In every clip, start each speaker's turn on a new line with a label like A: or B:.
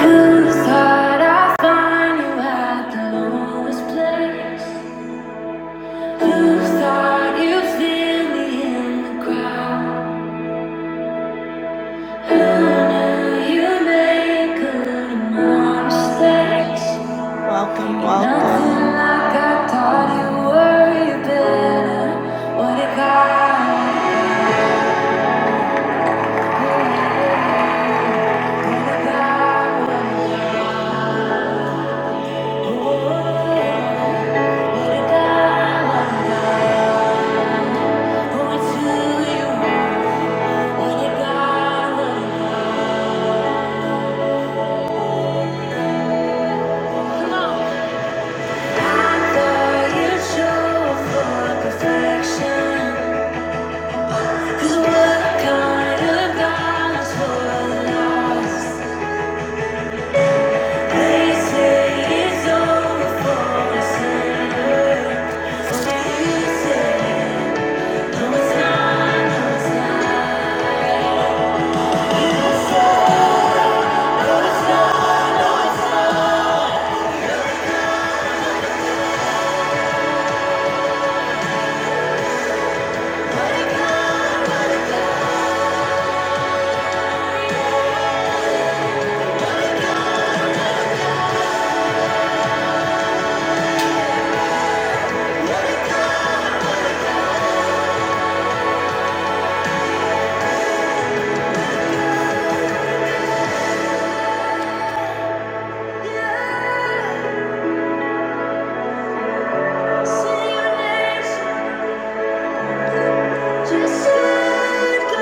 A: Who thought I'd find you at the lowest place? Who thought you'd feel me in the crowd? Who knew you make a little more mistakes? Welcome, Nothing like I thought you were, you better. What if I? What if I? What if I? What if I? Just let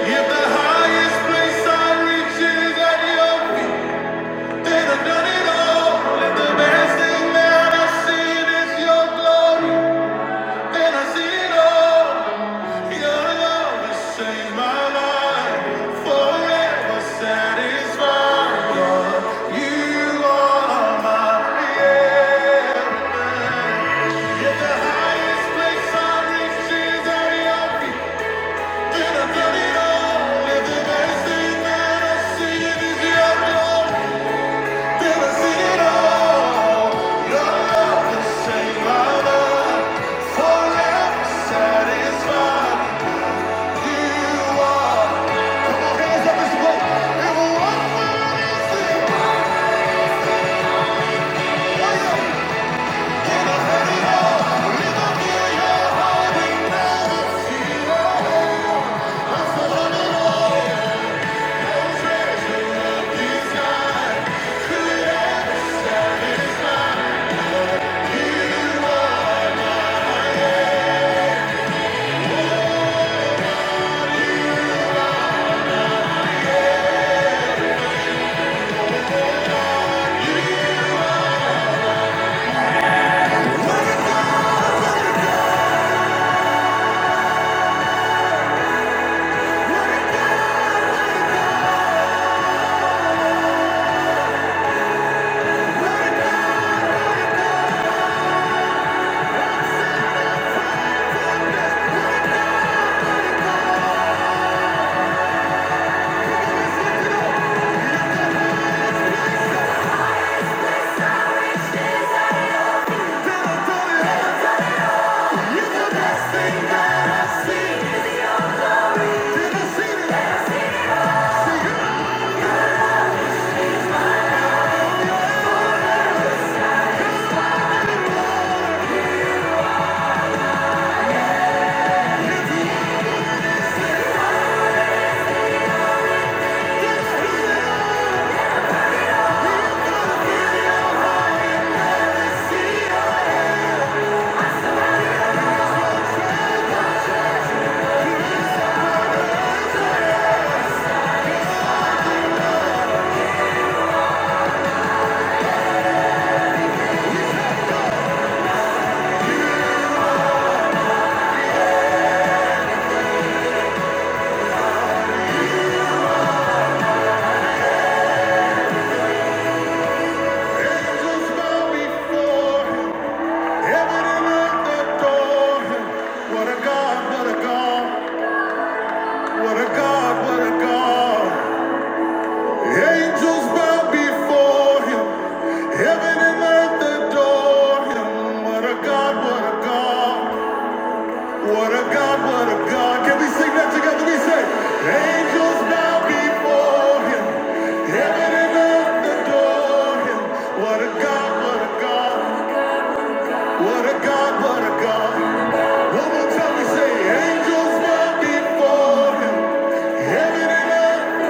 A: If the highest place I reach is at your feet, then I've done it all. If the best that I've seen is your glory, then I see it all. Your love has changed my life, forever satisfied. You are my everything. If the highest place I reach is at your feet. Yeah. Jesus fell before him. Heaven and earth adore him. What a God, what a God, what a God, what a God. Angels bow before him. Heaven and earth adore him. What a God, what a God, what a God, what a God. Can we sing that together? We say, angels bow before him. Heaven and earth adore him. What a God, what a God. What a God, what a God. One more time we say, angels bow before him. Heaven and earth,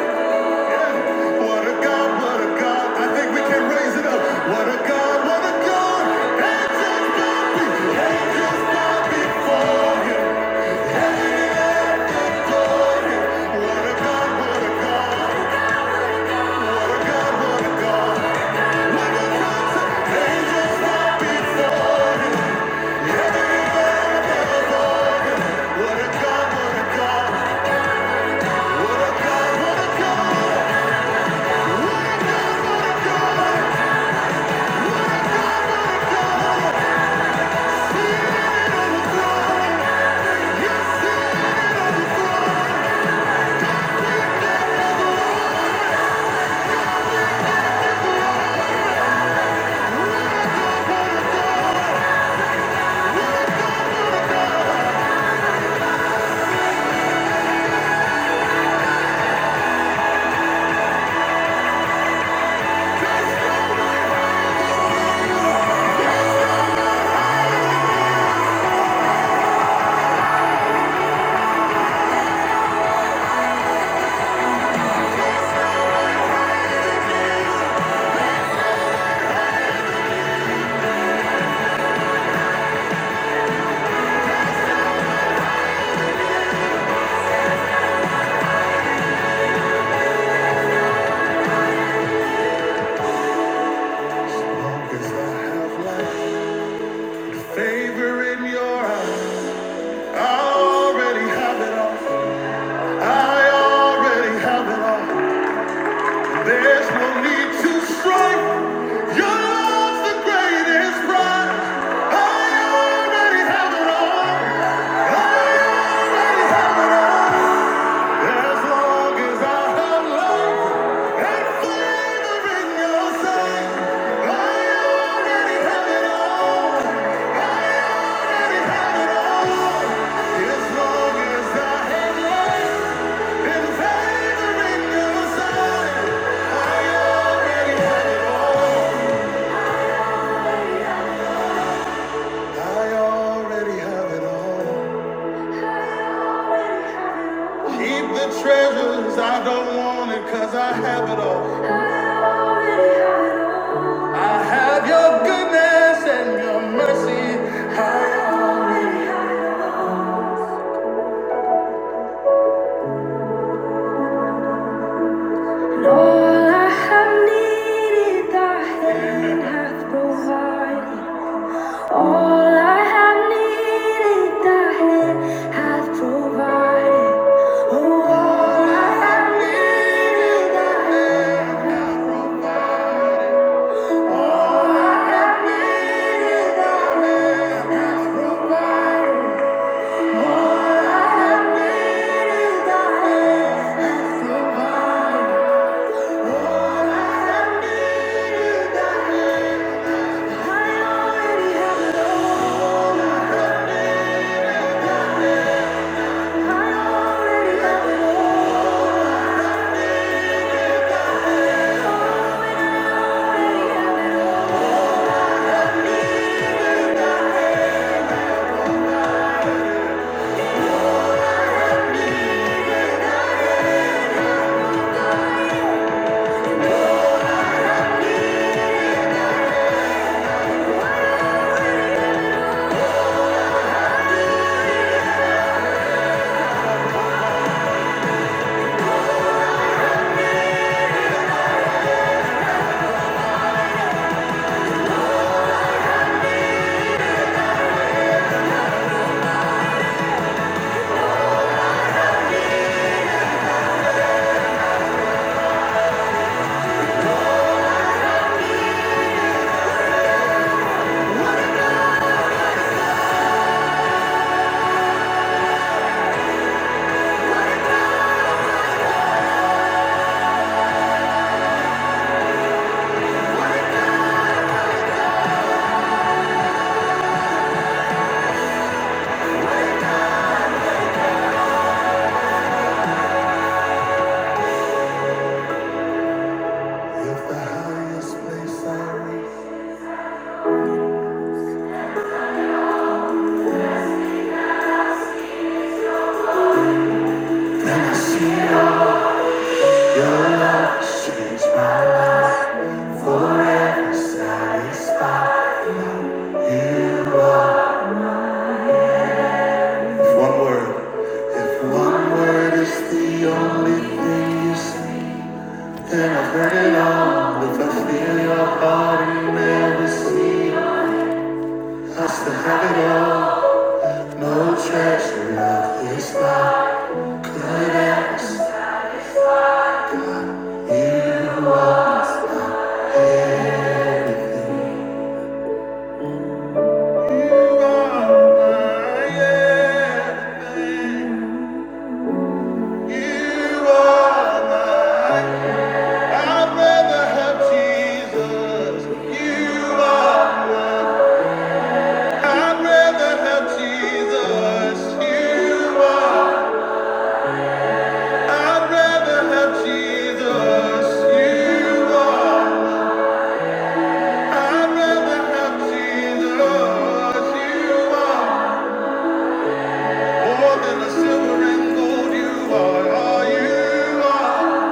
A: yeah. What a God, what a God. I think we can raise it up. What a God, what a God. Angels bow be- angels bow before him. Heaven and earth adore him. What a God, what a God. What a God, what a God. One more time, say, angels bow before him. Heaven and earth adore him. Favor in your eyes. I already have it all. I already have it all. There's no need to strive. Your love's the greatest prize. I already have it all. I already have it all. As long as I have love and flavor in your sight, I already have it all. Already have it all. As long as I have love and flavor in your sight, I already have it all. I already have it all. Keep the treasures I don't want it 'cause I have it all. I already have it all. I have your goodness and your mercy. I already Lord, I have needed thy hand provided. All I have needed thy hand provided. Oh, all I have needed thy hand. the highest place I reach, then see. one word, if one word is the only thing you say, then I've heard it all. If I feel your heart and never see, I still have it all. No treasure love is You are my everything. You are my I'd rather have Jesus, you are I'd rather have Jesus, you are. I'd rather have Jesus, you are. I'd rather have Jesus, you are. More than the silver and gold, you are you are.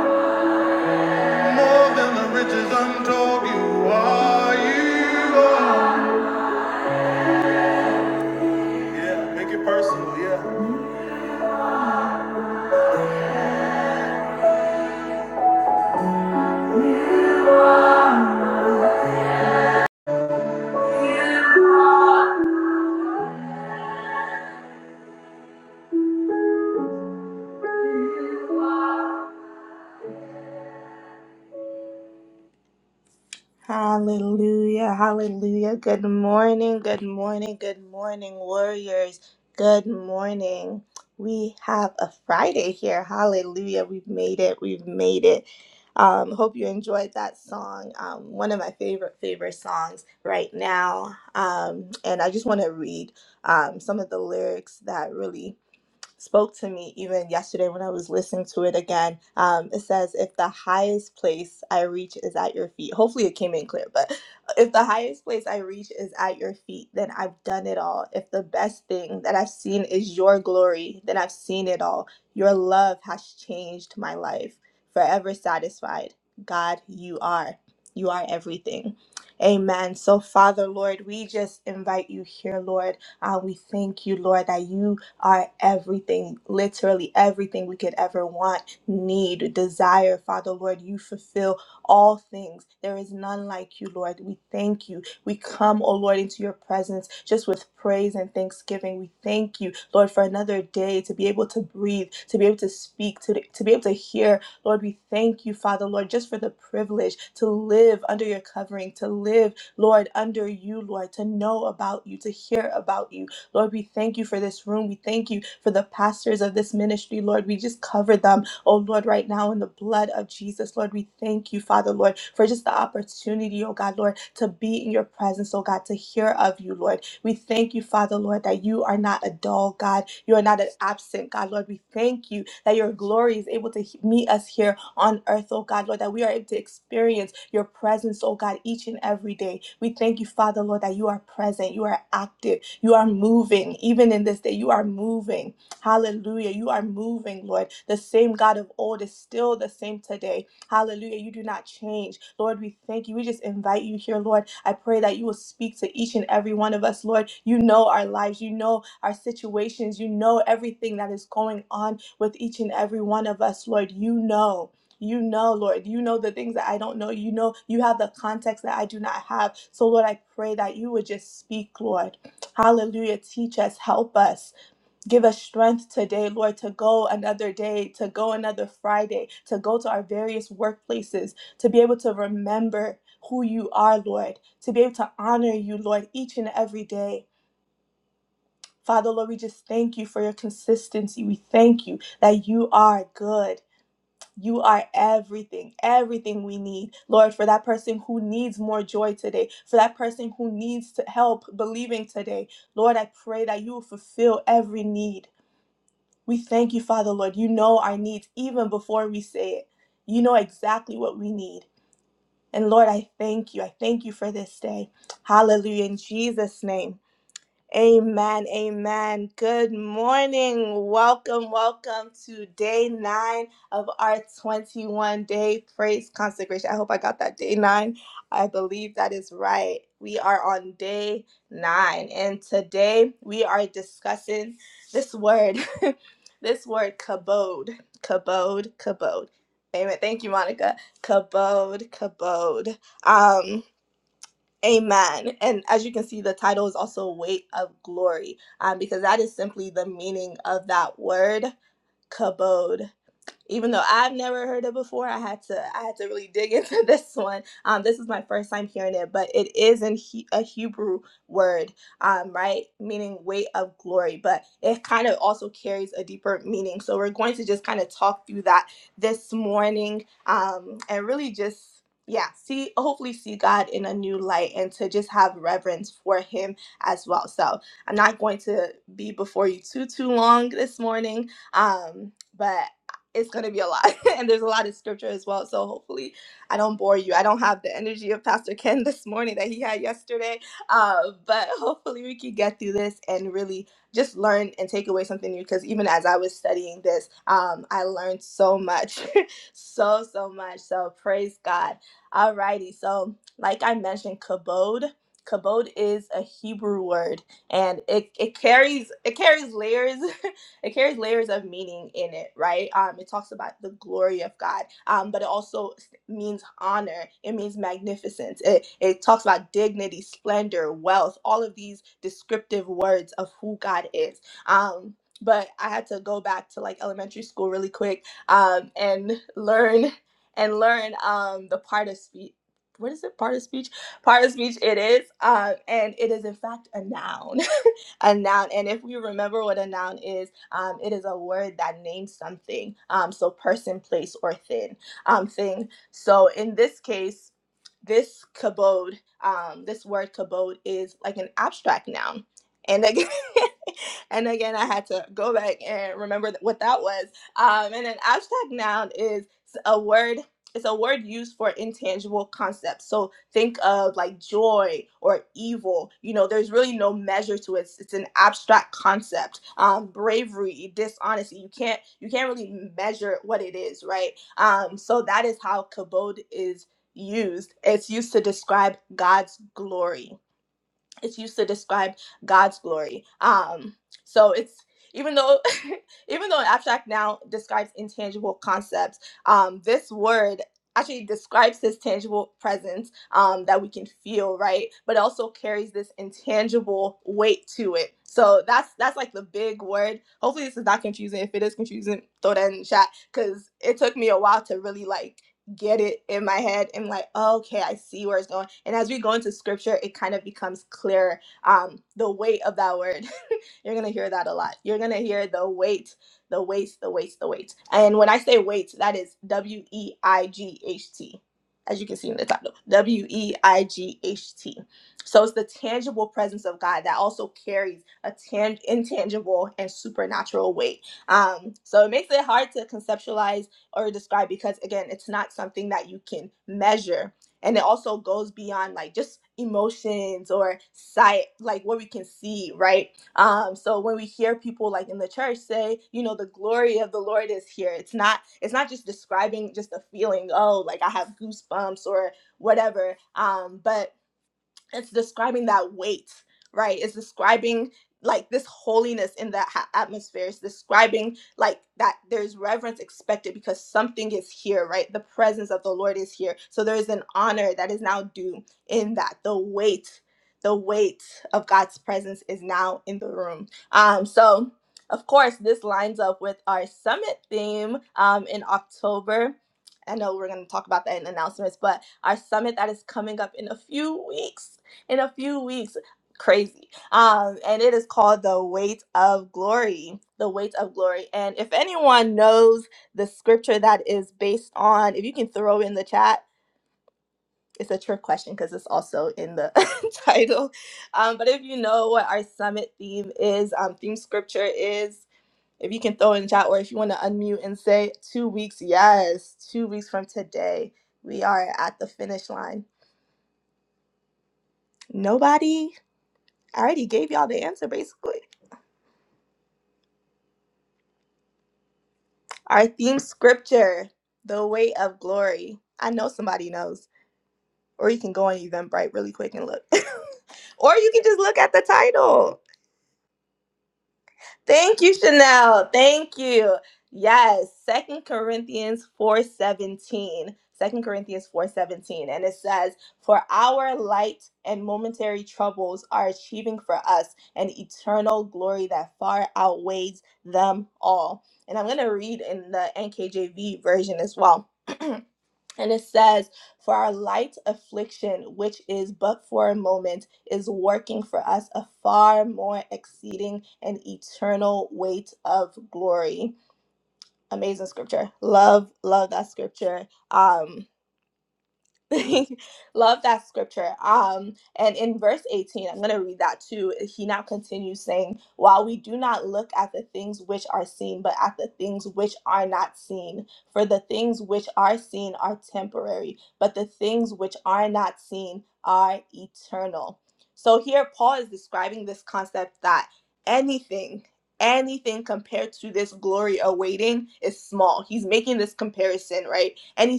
A: More than the riches untold, you are, you are. Yeah, make it personal, yeah.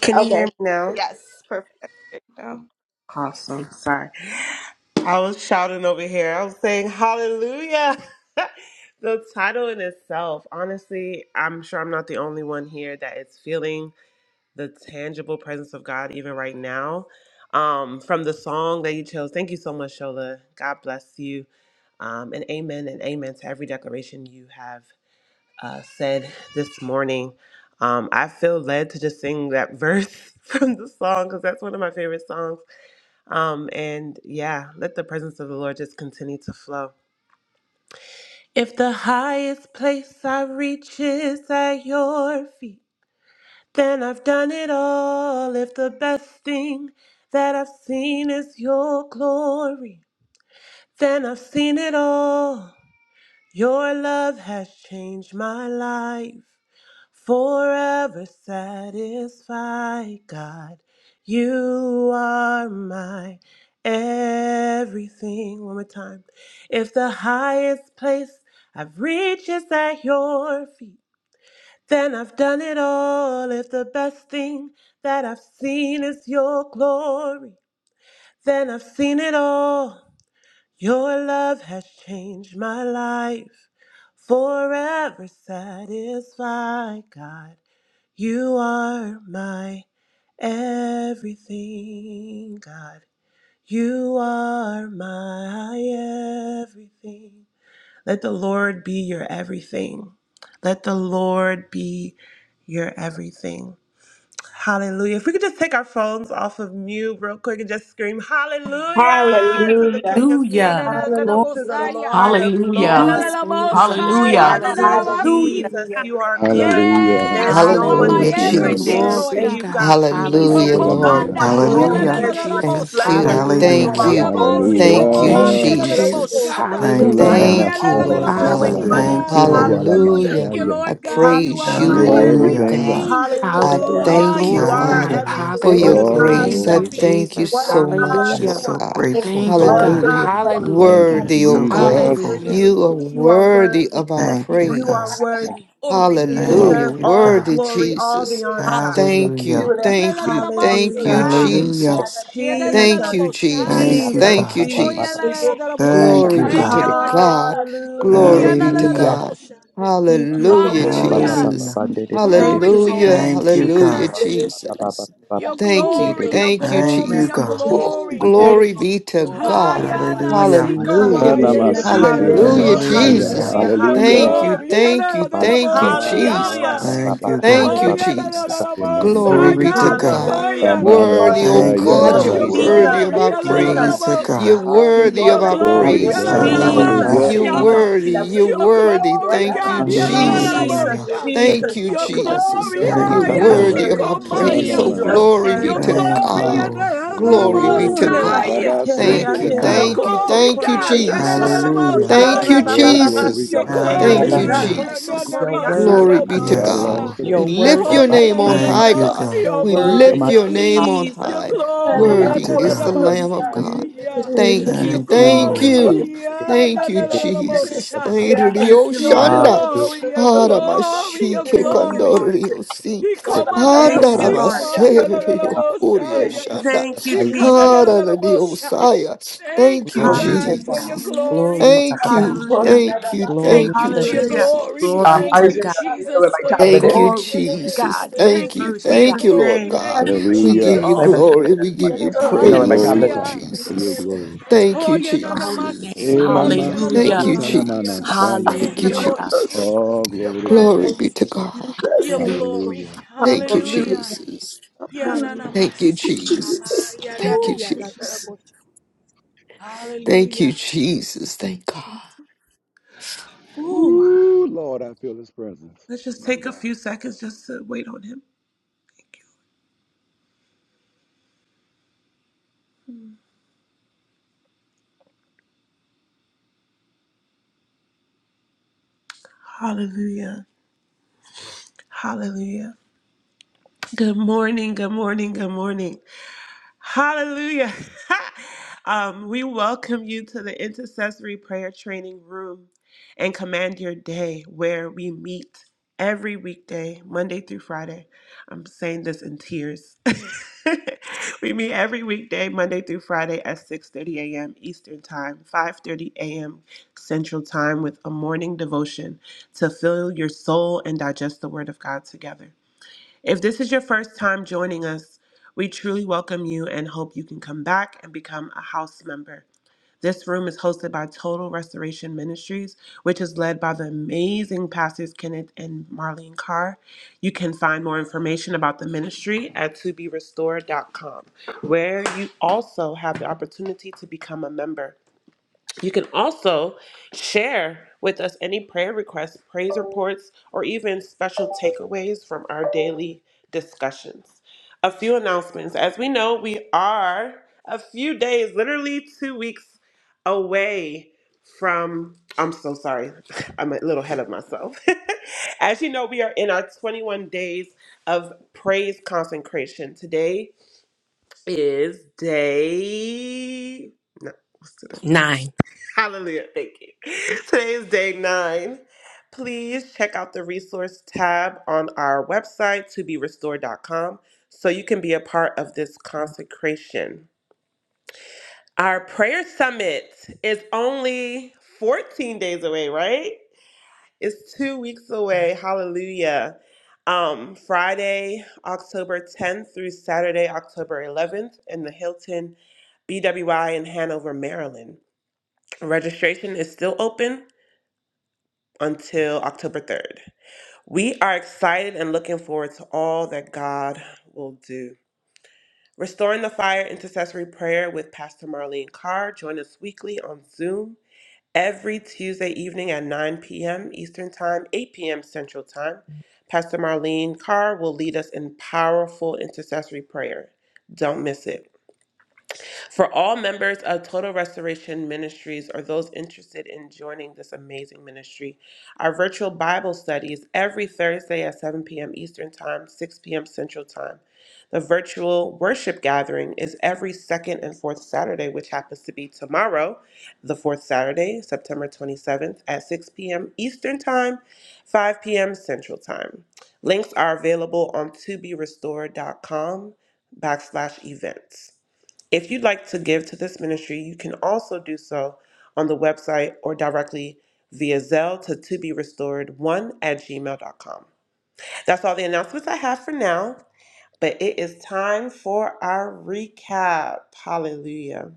B: Can you hear me now? Awesome. Sorry. I was shouting over here. I was saying hallelujah. the title in itself, honestly, I'm sure I'm not the only one here that is feeling the tangible presence of God even right now. Um, from the song that you chose. Thank you so much, Shola. God bless you. Um, and amen and amen to every declaration you have uh, said this morning. Um, I feel led to just sing that verse from the song because that's one of my favorite songs Um, and yeah, let the presence of the Lord just continue to flow. If the highest place I reach is at your feet, then I've done it all. If the best thing that I've seen is your glory, then I've seen it all. Your love has changed my life. Forever satisfied, God. You are my everything. One more time. If the highest place I've reached is at your feet, then I've done it all. If the best thing that I've seen is your glory, then I've seen it all. Your love has changed my life. Forever satisfied, God. You are my everything, God. You are my everything. Let the Lord be your everything. Let the Lord be your everything. Hallelujah. If we could just take our phones off of mute real quick and just scream, Hallelujah to the King of Kings
C: Messiah.
D: Hallelujah. Glory
B: and to the Lord of
E: Hallelujah.
F: Hallelujah.
B: Lords.
D: Jesus.
E: Thank you, God.
B: You are
F: Hallelujah.
B: good,
E: Hallelujah.
D: Hallelujah.
B: Jesus.
D: God,
B: You are good.
G: Hallelujah.
D: ha-
C: Yes,
B: There's
C: you
B: no
C: are
B: one
C: my
G: Glory
B: who
H: Hallelujah,
E: Hallelujah.
G: to your
B: can
G: name,
C: everything,
B: compare
G: God.
H: Jesus.
C: Lord
B: to
E: Glory,
C: God.
B: you, God.
E: God.
D: Jesus.
C: Her
H: Hallelujah,
B: There's
E: Hallelujah.
B: no
H: Lord
B: one who
C: commander.
B: can
H: God.
D: Glory,
E: Thank
I: Hallelujah.
E: you,
B: compare to your
G: Elamanashayadabasa.
E: Jesus.
H: Thank
C: Yelalalabosha.
B: splendor.
H: you,
B: You
E: Hallelujah.
H: thank
B: are
I: Hallelujah.
D: glory,
H: you,
C: Yamansi
B: glorious in
H: thank you,
C: komama
E: Thank you,
B: holiness,
G: Hallelujah.
C: yela la
E: Jesus.
H: Jesus.
B: faithful
C: la
B: in
I: Thank you,
D: hallelujah.
E: Hallelujah.
B: places,
I: God.
H: Thank you,
B: always
G: Ilamanasaya
H: Lord
B: doing
H: God.
E: Hallelujah.
I: Thank
B: wonders.
I: you,
C: Yelalalabosiana.
G: kataramanasaya
I: Lord.
B: Hallelujah.
C: Thank
H: Hallelujah.
C: you,
D: Word,
G: lamashaya.
C: Lord
H: I
C: God. You
H: praise
C: are
H: you,
C: my
G: You are
B: Hallelujah.
H: O Lord
I: Hallelujah.
G: everything, God.
H: God.
C: everything.
D: Lord.
H: I
E: Hallelujah.
B: Hallelujah.
C: Ah,
H: thank you,
B: You
C: yela
E: Glory,
B: are our
E: God.
H: Father,
I: Hallelujah.
B: everything.
H: for
B: What
H: your
B: a
E: Hallelujah.
G: Oh,
B: God you
H: grace.
E: Thank
G: glory
H: I
B: are.
E: you,
G: to
D: Glory,
G: God.
H: thank you
E: Jesus.
B: What a
D: glory,
H: so
B: God
H: much,
I: We're
E: Hallelujah.
B: you
H: Lord
I: so
B: are.
H: God.
D: glory.
I: grateful,
E: Thank you,
B: What a
I: Father.
E: God.
G: Thank you,
B: God
H: Hallelujah.
B: you
G: Father.
B: are.
E: Hallelujah.
G: Thank you,
I: We're
H: Worthy,
D: You're
H: O
D: good
I: so
H: God.
B: Thank you,
G: Jesus.
I: grateful.
E: Hallelujah.
H: You are
B: Jesus. You are
H: worthy
B: worthy.
H: of
J: you,
H: our
J: God.
D: to be
I: Thank you,
D: praised.
B: You are
H: praise.
I: God.
J: Thank you.
B: worthy.
J: Thanks.
D: Glory,
B: You
J: You You are
H: Hallelujah.
B: deserve
J: worthy.
I: Thank you,
B: all the
I: God.
H: Worthy
B: glory, all the
H: Jesus.
B: honor,
D: hallelujah.
J: Thank
B: God.
J: you, God.
H: Thank
J: Thank you.
I: Hallelujah.
H: you.
J: Thank
H: Thank
J: you.
H: you.
J: Thank
H: Thank you,
B: Hallelujah.
C: la
I: Hallelujah.
J: you.
D: Glory,
H: Jesus.
J: Thank you.
H: Thank you,
B: Jesus,
C: Yelalalaboshaya.
J: Ra-
H: Jesus.
I: Thank you,
J: ba-
D: glory.
J: ba-
B: Jesus,
H: Thank
I: God.
H: you,
J: ba- ba-
C: Oh,
B: Jesus.
J: ba-
C: yela
J: ba-
C: la la
J: ba-
C: la
H: Jesus.
J: ba-
C: yelalalabosa.
I: Thank
J: shan-
H: Glory
I: you,
J: de-
H: be
J: de-
C: Thank
J: de-
C: you,
I: God.
H: to
J: de- de-
C: Lord God.
H: God.
B: Hallelujah.
H: Glory be
J: de- de-
H: to
J: ko- de-
I: Hallelujah.
H: God.
J: ra-
B: Thank
J: ba-
B: you,
J: ba-
H: Hallelujah,
B: Holy
J: ba- ba-
B: Spirit.
J: ba-
C: Hallelujah.
J: ba-
H: Jesus.
I: Hallelujah.
J: ba- de- de- de- de- de-
B: Thank
J: de-
C: Glory
B: you,
C: to
B: Holy
C: your
B: Spirit.
H: Hallelujah.
C: name,
I: Thank you,
H: Hallelujah,
I: God.
J: ra-
C: Jesus.
J: ba- ba-
D: We
J: ba- ba-
H: Jesus.
J: ba- ba-
C: Your
H: Thank
J: de-
B: Ooh,
J: de-
H: you.
J: de-
C: glory,
J: de- de-
C: your
H: Thank you,
J: de-
I: Thank
J: de-
C: glory,
I: you,
B: thank
D: Bless
H: Jesus.
C: your
B: you,
I: God.
B: Jesus.
D: you.
J: de,
H: Oh,
C: glory.
J: man- de- de-
H: glory be
J: de-
H: to
D: Glory,
J: de- de-
H: God.
J: de- de- ko-
C: Hayana
J: ra-
I: Hallelujah.
J: man- de-
H: Hallelujah.
C: sikomaya
B: Hallelujah,
G: Anamasiki
J: de-
H: Hallelujah,
B: hallelujah,
J: ba- ba-
C: nidiyalalabosha.
J: ba-
G: lamashaya.
J: ba-
H: Jesus.
I: Hallelujah.
B: hallelujah,
J: ba-
C: Your
J: shan- de- de-
H: Thank
G: Hallelujah.
H: you,
B: hallelujah.
J: de-
C: glory.
J: de-
H: thank
J: ba-
H: you,
J: ba- la-
H: thank you,
J: de- de-
G: My God,
B: Hallelujah.
C: Yanalalabosiyama.
J: ra-
H: Jesus.
G: my
J: ba-
I: Thank
G: God.
J: ba-
I: you,
J: ba- ba- ba-
H: Thank
I: God.
H: you,
B: Hallelujah.
J: ba- ba- ba-
H: Jesus.
J: shan-
G: Your
J: de-
G: name,
J: de-
H: Glory
G: Father.
I: Glory
H: be to
I: to God.
H: God.
B: Hallelujah.
J: de-
H: Worthy,
C: Hoyalalalabosayanogoyanasi.
H: oh
I: Thank you,
H: God,
B: Woo!
H: you're
I: God.
C: Your
J: Jesus.
B: Jesus,
H: worthy
G: Elamanashayadabasaya.
H: of
J: Lord,
C: glory,
H: our
J: we
I: Glory
J: glorify
H: praise.
I: to
B: Jesus,
J: you.
H: You're
B: Jesus,
I: God.
C: Yalalalabosia.
H: worthy of
C: Your
J: Hallelujah.
H: our
J: Be
G: Glory
C: glory,
G: to
H: praise,
J: magnified,
G: God.
H: Lord
J: O
H: God.
J: God.
G: Hallelujah.
B: Jesus,
I: Hallelujah.
H: You're
J: Hashamande
C: Yalalalabosia.
J: de
B: Jesus,
H: worthy,
J: de de
H: you're
B: Jesus.
C: Your
J: de.
H: worthy.
C: glory,
H: Thank
J: Ola
H: you,
C: God,
J: mande
G: you,
J: de de
G: Jesus.
J: de de
H: Jesus.
I: Hallelujah.
J: de.
B: Jesus,
C: Yalalalabosia.
J: Chita de
H: Thank
J: de
H: you,
J: ba
B: Jesus,
C: Your
J: ba ba
D: glory.
J: de
B: Jesus,
H: Jesus.
C: glory,
J: de de ba
H: You're
G: Your
I: Thank
J: ka.
I: you, God.
G: glory,
H: worthy of our
G: God.
H: praise. Oh,
C: Ayasikomaya.
B: Jesus,
H: glory be
C: Your
G: Hanamanasaya.
B: Jesus,
H: to
I: Thank
B: Jesus.
I: you,
C: glory,
J: Bande
H: God.
I: Lord.
J: de ba
H: Glory
J: ba
H: be
J: ba.
G: Oh,
H: to
B: Ureba
G: glory.
H: God.
C: Yalalalabosia.
B: sekere
I: Thank
H: Thank
I: you,
H: you,
B: ande
J: Shama
C: Your
I: God.
H: thank you,
B: reposo
G: Rabasikelemanasaya
C: glory,
H: thank you,
C: God,
B: corianda.
G: lamashaya.
H: Jesus.
I: Hallelujah.
D: You're
J: shama
H: Thank you,
J: ka.
C: Yalalalabosia.
G: Your
B: Arabababa
H: Jesus.
G: glory,
C: Your
G: God.
B: seke
G: That's
D: worthy,
G: what
B: ande
C: glory
H: Thank
G: it's
H: you,
J: Abande
C: is
G: all
I: Hallelujah.
G: about.
C: here,
B: reposo
J: shu.
H: Jesus.
D: you're
B: corianda
D: worthy,
J: Kaya
H: Glory
G: That's
H: be to
G: what I
I: Yes,
B: rabashete.
H: God.
G: long
C: Nanamasikomaya.
I: Lord.
J: iste
G: for.
H: We
D: you're worthy, you're
J: de de
H: lift
J: de
D: worthy,
J: de
C: Oh,
H: your
J: ba.
D: God.
H: name on
I: Thank
H: high,
J: Ya
I: you,
J: ma
B: Jesus,
H: God.
J: ma
I: God.
D: You're
C: Yalalalabosia,
H: We
J: ma ma ma
D: worthy.
H: lift
J: ma.
C: Maya.
H: your name on
C: Your
B: Jesus,
H: high.
D: Hallelujah.
C: glory,
I: Glory
H: Worthy
I: to
J: Ora
H: is
J: ba
H: the
I: God.
J: ye
H: Lamb of
J: shan.
H: God.
C: Ananamasia.
J: Ama de.
H: Thank you.
C: Your
I: Thank you,
B: Jesus.
H: Thank
C: glory,
I: Lord.
J: Ora ba
H: you.
J: de de de
H: Thank you,
J: de de de de.
H: Jesus.
J: Chita ba
C: Ananamosha.
J: ha.
H: Thank you,
B: Thank you,
C: Your
B: Lord.
H: Shanda.
J: Hallelujah.
C: glory, your glory, your
H: Aramashike
J: De
B: Thank
J: de de
B: you,
J: de de.
C: glory.
B: Lord.
H: kandorio si.
C: He
J: De de de de. Chika
B: Thank
J: ta.
B: you,
C: commandanasia,
B: Lord.
H: Andaramaserio
J: Mama, mama,
H: kurio
J: mama,
C: Mandialamosha.
J: mama,
H: shanda.
J: the
B: Thank you,
C: He
J: fire this
B: Jesus.
J: morning.
H: Aradio
C: commandanasia.
H: saya.
C: Thank
H: Thank
C: you,
H: you,
J: Lord,
D: Glory
J: here.
D: to
C: God, for
B: Hallelujah.
C: your
D: God.
H: Jesus.
C: glory.
D: Glory to
H: Thank
D: God.
H: you,
B: Hallelujah.
H: thank you,
D: Glory
C: Thank
H: thank
C: you
H: you,
D: to
C: for
D: God.
C: your
B: Hallelujah.
H: Jesus.
C: glory.
J: Um,
D: Glory
C: Thank
D: to
C: you,
D: God.
J: Isaiah, you know where
C: Jesus,
J: my
C: for your
J: tablet
H: Thank you,
J: is?
C: glory.
D: Glory to
H: Jesus.
D: God. You're
H: Thank
C: Thank you
H: you,
B: In
C: for
D: worthy,
C: your
D: God.
H: thank you,
B: Jesus'
H: Lord
C: glory.
B: name.
J: You
H: God.
C: Thank
J: know
C: you,
J: where my
H: We give
J: tablet
G: Hallelujah.
J: is?
H: you
J: I
C: Jesus.
D: Oh,
J: haven't
D: God,
J: seen it
H: glory,
J: in
H: we
J: about
H: give
J: a
H: you
J: year.
D: we
G: For
B: In
J: You
G: your
J: know
D: bless
B: Jesus'
J: where my
B: name.
H: praise,
G: glory,
J: tablet is?
H: Lord
C: Hallelujah.
G: Father. For your
H: Jesus.
G: glory, God.
H: Thank
C: Oh,
H: you,
C: yeah, na,
D: your
C: na, ma,
D: holy
C: si,
D: name.
H: Jesus.
C: ku, ala, de, la,
H: Thank
D: Hallelujah.
C: bo,
H: you,
B: Oh, da, da,
C: yeah.
B: da, da,
H: Jesus.
G: Enamasikitanamanasyaya.
B: sick,
H: Thank
C: Thank
H: you,
B: the
C: you,
B: rip
C: Lord
D: Hallelujah.
B: so
H: Jesus.
B: great.
C: Jesus,
G: Oh,
C: your
G: glory to God.
H: Glory be
C: presence,
H: to God.
C: your
B: Thank
D: Hallelujah.
B: you, Lord.
C: glory.
G: Hallelujah.
H: Thank you,
C: Hallelujah.
H: Jesus.
C: Yeah, na,
B: Hallelujah.
C: na, ma,
H: Thank you,
C: si, ka, ma,
H: Jesus.
C: yeah, da,
H: Thank
C: da,
H: you,
B: Ooh,
C: yeah, la, de, la,
B: Jesus.
H: Jesus.
C: bo,
H: Thank
C: Hallelujah.
H: you, Jesus. Thank
B: Ooh.
G: Ooh, Lord, I feel his presence.
B: Let's just
G: My
B: take a
G: God.
B: few seconds just to wait on him. Thank you. Hallelujah. Hallelujah. Good morning. Good morning. Good morning. Hallelujah. um, we welcome you to the intercessory prayer training room and command your day where we meet every weekday, Monday through Friday. I'm saying this in tears. we meet every weekday, Monday through Friday at 6:30 a.m. Eastern Time, 5:30 a.m. Central Time with a morning devotion to fill your soul and digest the word of God together. If this is your first time joining us, we truly welcome you and hope you can come back and become a house member. This room is hosted by Total Restoration Ministries, which is led by the amazing pastors Kenneth and Marlene Carr. You can find more information about the ministry at toberestored.com, where you also have the opportunity to become a member. You can also share with us any prayer requests, praise reports, or even special takeaways from our daily discussions. A few announcements. As we know, we are a few days, literally two weeks away from. I'm so sorry. I'm a little ahead of myself. As you know, we are in our 21 days of praise consecration. Today is day. No, what's today?
D: Nine.
B: Hallelujah. Thank you. Today is day nine. Please check out the resource tab on our website, toberestored.com, so you can be a part of this consecration. Our prayer summit is only 14 days away, right? It's two weeks away. Hallelujah. Um, Friday, October 10th through Saturday, October 11th, in the Hilton BWI in Hanover, Maryland. Registration is still open. until October 3rd. We are excited and looking forward to all that God will do. Restoring the Fire Intercessory Prayer with Pastor Marlene Carr. Join us weekly on Zoom every Tuesday evening at 9 p.m. Eastern Time, 8 p.m. Central Time. Pastor Marlene Carr will lead us in powerful intercessory prayer. Don't miss it. For all members of Total Restoration Ministries or those interested in joining this amazing ministry, our virtual Bible study is every Thursday at 7 p.m. Eastern Time, 6 p.m. Central Time. The virtual worship gathering is every second and fourth Saturday, which happens to be tomorrow, the fourth Saturday, September 27th at 6 p.m. Eastern Time, 5 p.m. Central Time. Links are available on toberestored.com backslash events. If you'd like to give to this ministry, you can also do so on the website or directly via Zelle to to be restored one at gmail dot com. That's all the announcements I have for now, but it is time for our recap. Hallelujah.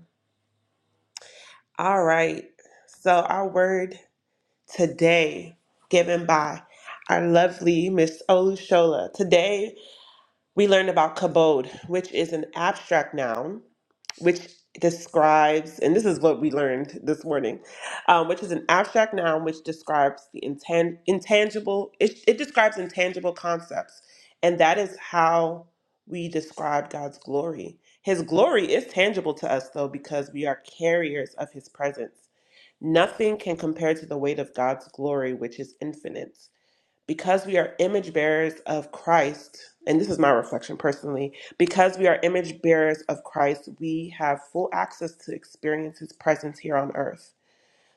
B: All right. So, our word today, given by our lovely Miss Olushola. Today, we learned about kabod, which is an abstract noun which describes, and this is what we learned this morning, um, which is an abstract noun which describes the intan- intangible, it, it describes intangible concepts. And that is how we describe God's glory. His glory is tangible to us, though, because we are carriers of his presence. Nothing can compare to the weight of God's glory, which is infinite because we are image bearers of Christ, and this is my reflection personally, because we are image bearers of Christ, we have full access to experience his presence here on earth.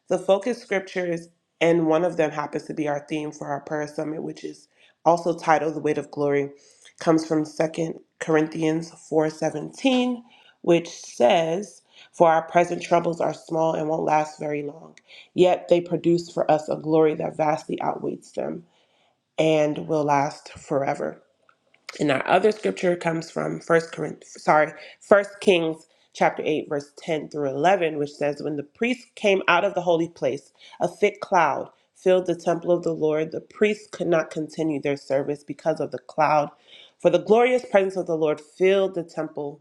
B: The focus scriptures, and one of them happens to be our theme for our prayer summit, which is also titled The Weight of Glory, comes from Second Corinthians 4:17, which says, For our present troubles are small and won't last very long, yet they produce for us a glory that vastly outweighs them and will last forever. And our other scripture comes from First Corinth, sorry, First Kings chapter 8 verse 10 through 11 which says when the priests came out of the holy place a thick cloud filled the temple of the Lord the priests could not continue their service because of the cloud for the glorious presence of the Lord filled the temple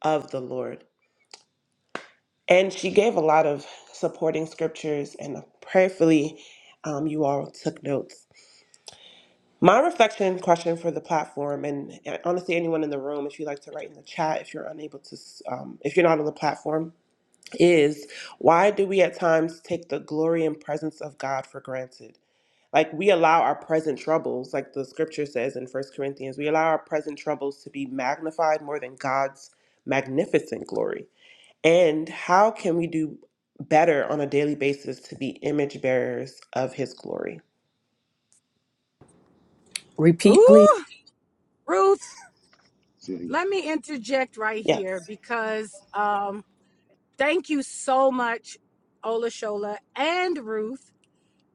B: of the Lord and she gave a lot of supporting scriptures and prayerfully um, you all took notes My reflection question for the platform, and uh, honestly, anyone in the room, if you'd like to write in the chat, if you're unable to, um, if you're not on the platform, is why do we at times take the glory and presence of God for granted? Like we allow our present troubles, like the scripture says in First Corinthians, we allow our present troubles to be magnified more than God's magnificent glory. And how can we do better on a daily basis to be image bearers of His glory?
D: Repeat, please.
C: Ooh, Ruth,
G: See,
C: let me interject right
B: Yeah.
C: here because um, thank you so much, Ola Shola and Ruth.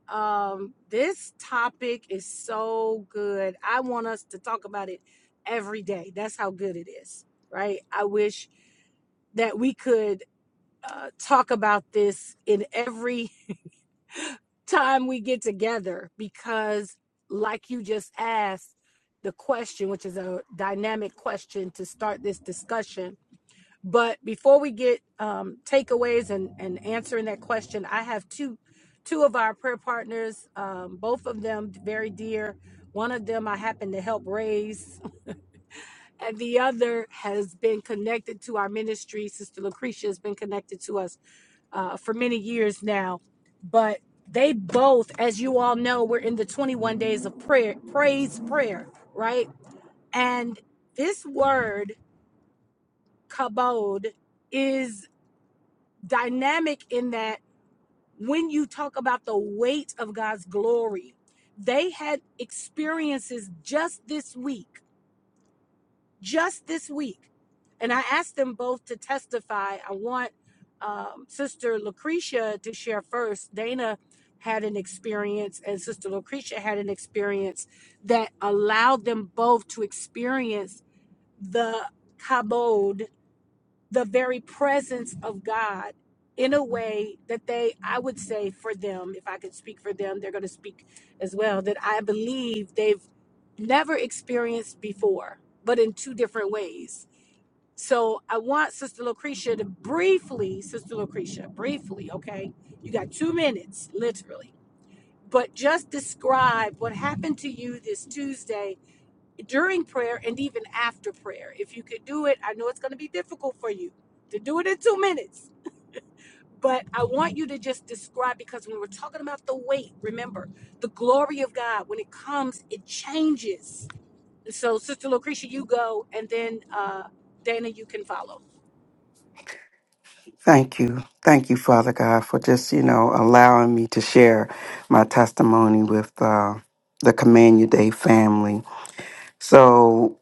C: Um, this topic is so good. I want us to talk about it every day. That's how good it is, right? I wish that we could uh, talk about this in every time we get together because, like you just asked, the question, which is a dynamic question to start this discussion, but before we get um, takeaways and, and answering that question, I have two two of our prayer partners, um, both of them very dear. One of them I happen to help raise, and the other has been connected to our ministry. Sister Lucretia has been connected to us uh, for many years now. But they both, as you all know, we're in the 21 days of prayer, praise prayer, right? And this word, kabod, is dynamic in that when you talk about the weight of God's glory, they had experiences just this week, just this week. And I asked them both to testify. I want um, Sister Lucretia to share first. Dana had an experience, and Sister Lucretia had an experience that allowed them both to experience the kabod the very presence of God in a way that they, I would say for them, if I could speak for them, they're going to speak as well, that I believe they've never experienced before, but in two different ways. So I want Sister Lucretia to briefly, Sister Lucretia, briefly, okay? You got two minutes, literally. But just describe what happened to you this Tuesday during prayer and even after prayer. If you could do it, I know it's going to be difficult for you to do it in two minutes, but I want you to just describe because when we're talking about the weight, remember the glory of God, when it comes, it changes. So, Sister Lucretia, you go, and then uh, Dana, you can follow.
I: Thank you. Thank you, Father God, for just, you know, allowing me to share my testimony with uh, the Command Your Day family. So,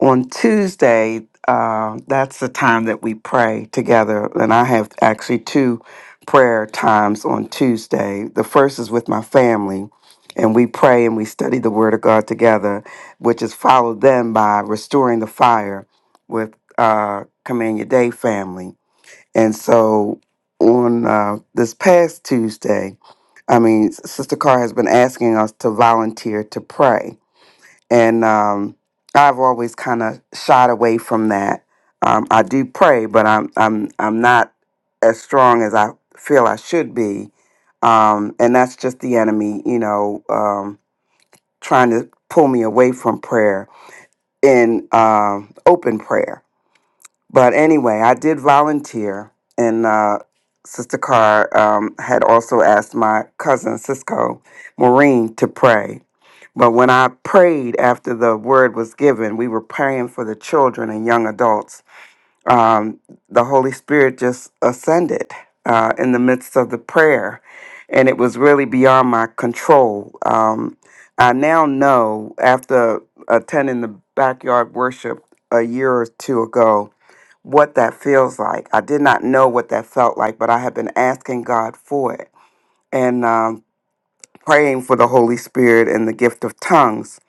I: on Tuesday, uh, that's the time that we pray together. And I have actually two prayer times on Tuesday. The first is with my family, and we pray and we study the Word of God together, which is followed then by restoring the fire with uh, Command Your Day family. And so on uh, this past Tuesday, I mean, Sister Carr has been asking us to volunteer to pray and um, I've always kind of shied away from that. Um, I do pray, but I'm I'm I'm not as strong as I feel I should be, um, and that's just the enemy, you know, um, trying to pull me away from prayer in um open prayer. But anyway, I did volunteer, and uh, Sister Carr um, had also asked my cousin Cisco Maureen to pray. But when I prayed after the word was given, we were praying for the children and young adults. Um, the Holy Spirit just ascended uh, in the midst of the prayer, and it was really beyond my control. Um, I now know after attending the backyard worship a year or two ago what that feels like. I did not know what that felt like, but I have been asking God for it and um, praying for the Holy Spirit and the gift of tongues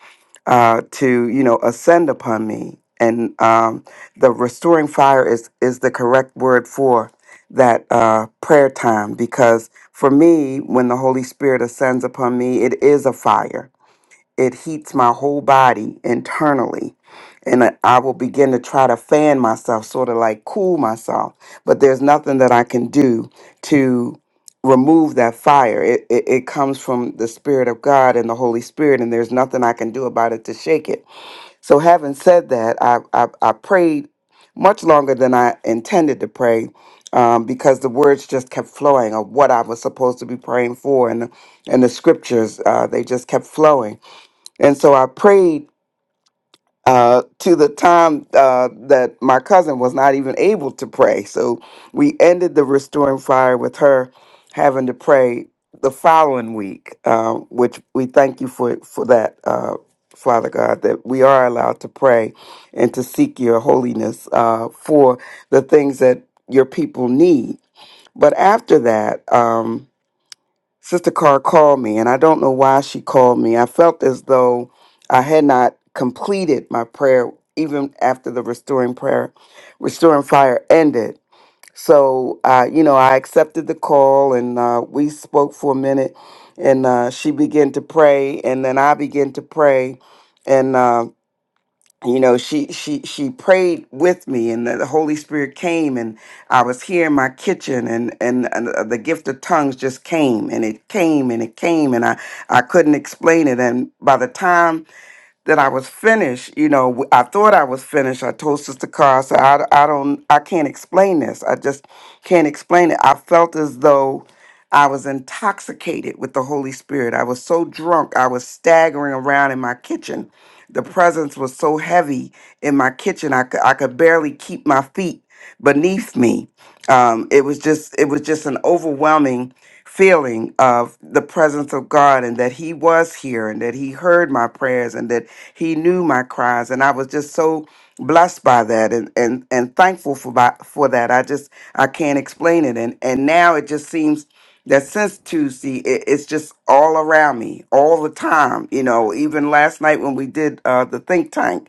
I: uh, to, you know, ascend upon me. And um, the restoring fire is is the correct word for that uh, prayer time because for me, when the Holy Spirit ascends upon me, it is a fire it heats my whole body internally and I I will begin to try to fan myself sort of like cool myself but there's nothing that I can do to remove that fire it, it it comes from the spirit of God and the Holy Spirit and there's nothing I can do about it to shake it so having said that I I, I prayed much longer than I intended to pray um, because the words just kept flowing of what I was supposed to be praying for and the, and the scriptures uh, they just kept flowing and so I prayed uh, to the time uh, that my cousin was not even able to pray. So we ended the restoring fire with her having to pray the following week, um, which we thank you for for that, uh, Father God, that we are allowed to pray and to seek your holiness uh, for the things that your people need. But after that. Um, Sister Carr called me, and I don't know why she called me. I felt as though I had not completed my prayer, even after the restoring prayer, restoring fire ended. So, uh, you know, I accepted the call, and uh, we spoke for a minute, and uh, she began to pray, and then I began to pray, and. uh, you know she she she prayed with me and the the holy spirit came and i was here in my kitchen and and, and uh, the gift of tongues just came and it came and it came and i i couldn't explain it and by the time that I was finished. You know, w- I thought I was finished. I told Sister Carr, I said, I, I don't, I can't explain this. I just can't explain it. I felt as though I was intoxicated with the Holy Spirit. I was so drunk, I was staggering around in my kitchen. The presence was so heavy in my kitchen, I could, I could barely keep my feet beneath me. Um, it was just, it was just an overwhelming feeling of the presence of God and that He was here and that He heard my prayers and that he knew my cries, and I was just so blessed by that and and and thankful for by, for that. I just I can't explain it, and and now it just seems that since Tuesday, it, it's just all around me all the time. You know, even last night when we did uh, the think tank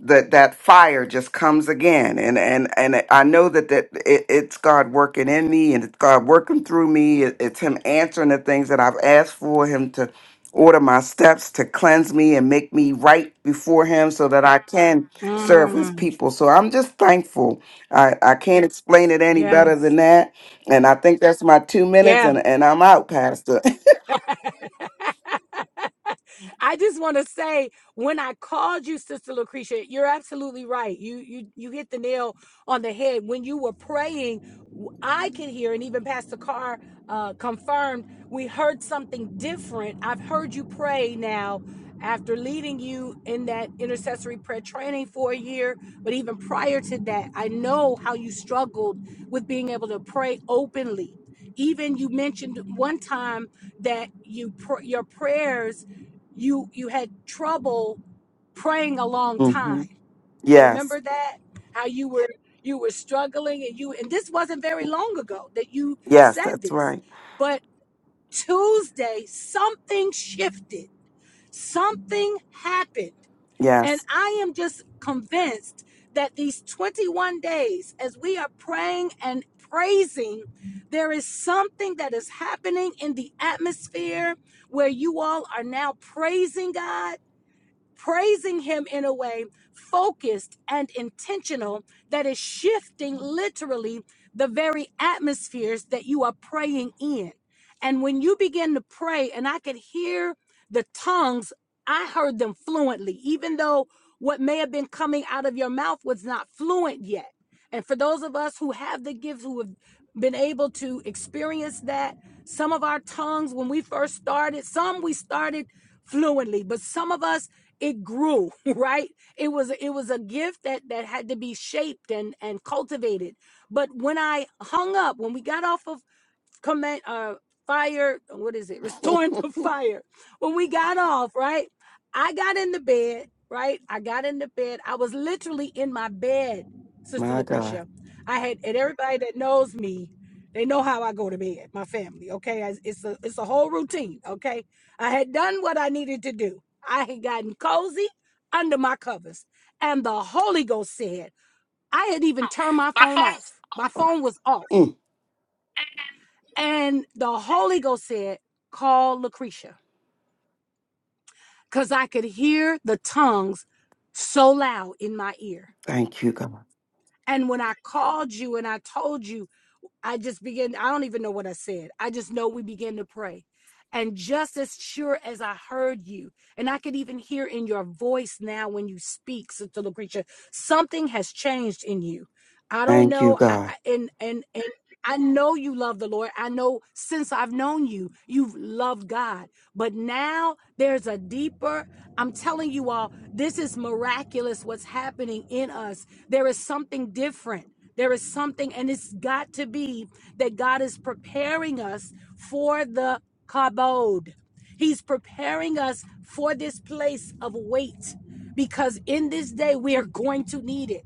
I: that that fire just comes again and and and i know that that it, it's god working in me and it's god working through me It- it's him answering the things that i've asked for him to order my steps to cleanse me and make me right before him so that i can serve his
C: Mm,
I: people so i'm just thankful i i can't explain it any better
C: yes.
I: than that and i think that's my two minutes
C: Yeah.
I: and and i'm out pastor
C: I just want to say when I called you Sister Lucretia, you're absolutely right. You you you hit the nail on the head when you were praying. I could hear and even Pastor Carr uh, confirmed we heard something different. I've heard you pray now after leading you in that intercessory prayer training for a year, but even prior to that, I know how you struggled with being able to pray openly. Even you mentioned one time that you pr- your prayers you you had trouble praying a long
I: hmm
C: time
I: yes
C: remember that how you were you were struggling and you and this wasn't very long ago that you
I: yes
C: said
I: that's
C: this
I: right
C: but tuesday something shifted something happened and
I: yes
C: I am just convinced that these 21 days, as we are praying and praising, there is something that is happening in the atmosphere where you all are now praising God praising him in a way focused and intentional that is shifting literally the very atmospheres that you are praying in. And when you begin to pray, and I could hear the tongues, I heard them fluently, even though what may have been coming out of your mouth was not fluent yet. And for those of us who have the gifts, who have been able to experience that, some of our tongues, when we first started, some we started fluently, but some of us it grew right it was it was a gift that that had to be shaped and and cultivated but when i hung up when we got off of command uh fire what is it restoring the fire when we got off right i got in the bed right i got in the bed i was literally in my bed sister
I: my god
C: lucretia i had and everybody that knows me they know how i go to bed my family okay I- it's a it's a whole routine okay i had done what i needed to do i had gotten cozy under my covers and the holy ghost said i had even turned my phone off my phone was off and the Holy Ghost said, Call Lucretia, because I could hear the tongues so loud in my ear.
I: Thank you, God.
C: And when I called you and I told you I just began, I don't even know what I said. I just know we began to pray. And just as sure as I heard you, and I could even hear in your voice now when you speak, Sister Lucretia, something has changed in you. I don't
I: Thank you,
C: know. I,
I: God.
C: I, and, and, and I know you love the Lord. I know since I've known you, you've loved God. But now there's a deeper, I'm telling you all, this is miraculous what's happening in us. There is something different there is something, and it's got to be that God is preparing us for the kabod. He's preparing us for this place of wait because in this day we are going to need it.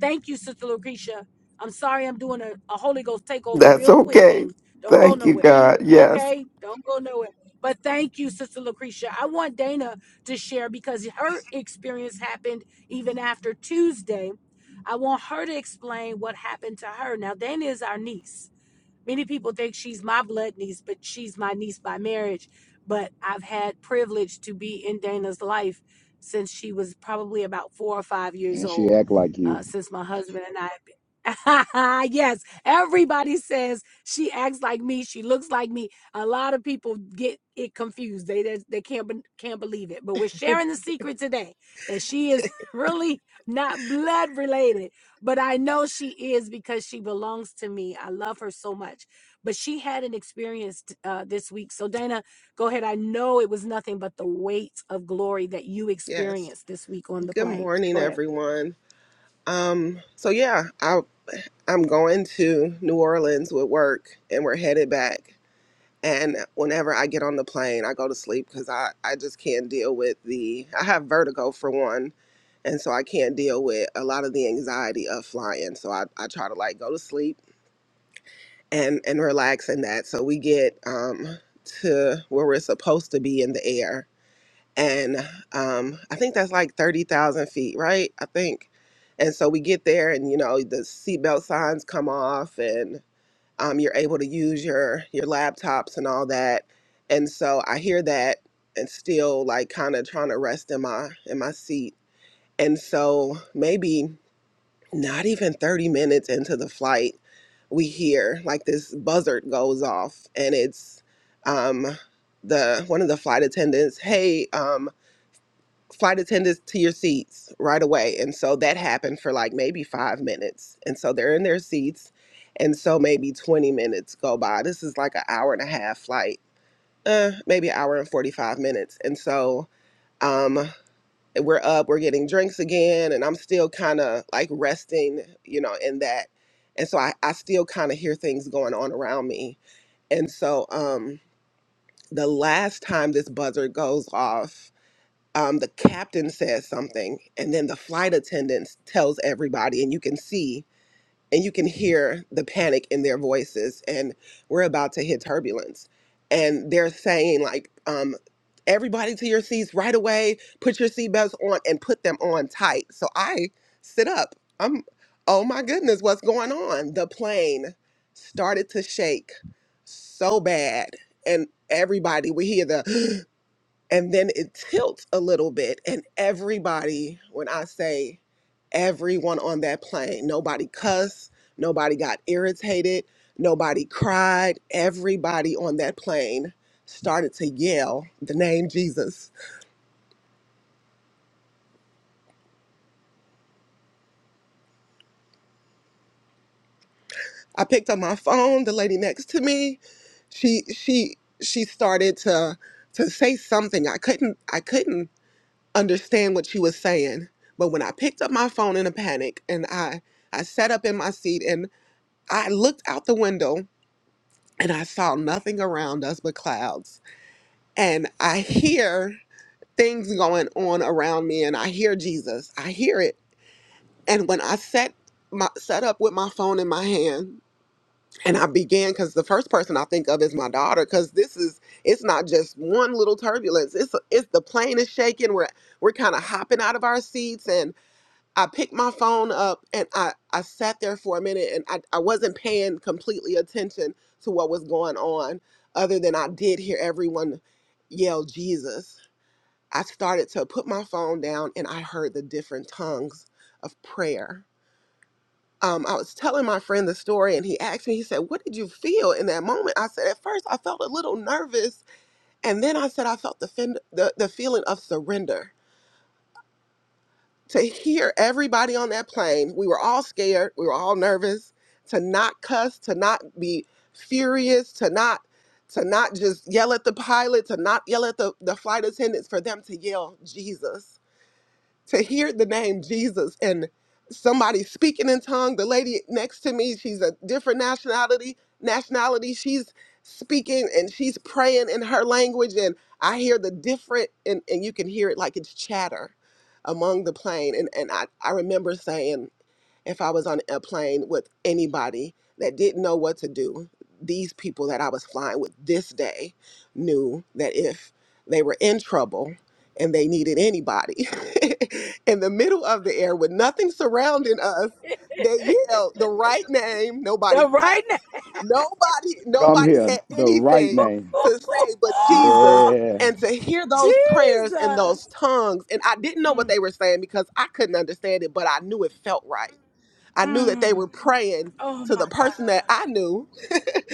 C: Thank you, Sister Lucretia. I'm sorry I'm doing a, a Holy Ghost takeover
I: That's
C: real quick,
I: okay.
C: Ruth. Don't go
I: Thank you,
C: nowhere.
I: God. Yes.
C: Okay? Don't go nowhere. But thank you, Sister Lucretia. I want Dana to share because her experience happened even after Tuesday. I want her to explain what happened to her. Now, Dana is our niece Many people think she's my blood niece, but she's my niece by marriage. But I've had privilege to be in Dana's life since she was probably about four or five years
G: and she
C: old.
G: act like you.
C: Uh, since my husband and I yes, everybody says she acts like me. She looks like me. A lot of people get it confused. They they, they can't be- can't believe it. But we're sharing the secret today that she is really not blood related but I know she is because she belongs to me. I love her so much. But she had an experience t- uh, this week. So, Dana, go ahead. I know it was nothing but the weight of glory that you
K: Yes.
C: experienced this week on the
K: Good
C: plane.
K: morning,
C: Go ahead.
K: everyone. Um, so yeah, I I'm going to New Orleans with work and we're headed back. And whenever I get on the plane, I go to sleep because I, I just can't deal with the I have vertigo for one. And so I can't deal with a lot of the anxiety of flying. So I, I try to like go to sleep and, and relax in that. So we get um to where we're supposed to be in the air and um, I think that's like thirty thousand feet, right? I think. And so we get there, and you know the seatbelt signs come off, and um, you're able to use your your laptops and all that. And so I hear that, and still like kind of trying to rest in my in my seat. And so maybe not even thirty minutes into the flight, we hear like this buzzard goes off, and it's um, the one of the flight attendants. Hey, um, flight attendants to your seats right away. And so that happened for like maybe five minutes. And so they're in their seats. And so maybe 20 minutes go by. This is like an hour and a half flight, uh, maybe an hour and 45 minutes. And so um, we're up, we're getting drinks again. And I'm still kind of like resting, you know, in that. And so I, I still kind of hear things going on around me. And so um, the last time this buzzer goes off, um, the captain says something, and then the flight attendants tells everybody, and you can see and you can hear the panic in their voices, and we're about to hit turbulence, and they're saying like, um, everybody to your seats right away, put your seatbelts on, and put them on tight. So I sit up. I'm, oh my goodness, what's going on? The plane started to shake so bad, and everybody we hear the and then it tilts a little bit and everybody when i say everyone on that plane nobody cussed nobody got irritated nobody cried everybody on that plane started to yell the name jesus i picked up my phone the lady next to me she she she started to to say something i couldn't i couldn't understand what she was saying but when i picked up my phone in a panic and i i sat up in my seat I looked out the window and I saw nothing around us but clouds. And I hear things going on around me and I hear Jesus. I hear it. And when I set my set up with my phone in my hand and I began cuz the first person I think of is my daughter cuz this is it's not just one little turbulence. It's it's the plane is shaking. We're we're kind of hopping out of our seats and. I picked my phone up and I, I sat there for a minute and I, I wasn't paying completely attention to what was going on, other than I did hear everyone yell, Jesus. I started to put my phone down and I heard the different tongues of prayer. Um, I was telling my friend the story and he asked me, he said, What did you feel in that moment? I said, At first, I felt a little nervous. And then I said, I felt the, fin- the, the feeling of surrender. to hear everybody on that plane, we were all scared, we were all nervous, to not cuss, to not be furious, to not to not just yell at the pilot, to not yell at the, the flight attendants, for them to yell Jesus to hear the name Jesus and somebody speaking in tongue. The lady next to me, she's a different nationality. Nationality, she's speaking and she's praying in her language, and I hear the different, and, and you can hear it like it's chatter among the plane. And and I I remember saying if I was on a plane with anybody that didn't know what to do, these people that I was flying with this day knew that if they were in trouble and they needed anybody in the middle of the air with nothing surrounding us, they yelled the right name. Nobody
C: The
K: cussed.
C: right now.
K: Nobody,
G: Come
K: nobody
G: here,
K: had
G: the right
K: anything
G: name.
K: to say but Jesus.
G: Yeah.
K: And to hear those prayers in
C: Jesus.
K: those tongues, and I didn't know what
C: Mm,
K: they were saying because I couldn't understand it, but I knew it felt right I knew that they
C: mm.
K: were praying
C: Oh
K: to
C: my
K: the person that
C: God.
K: I knew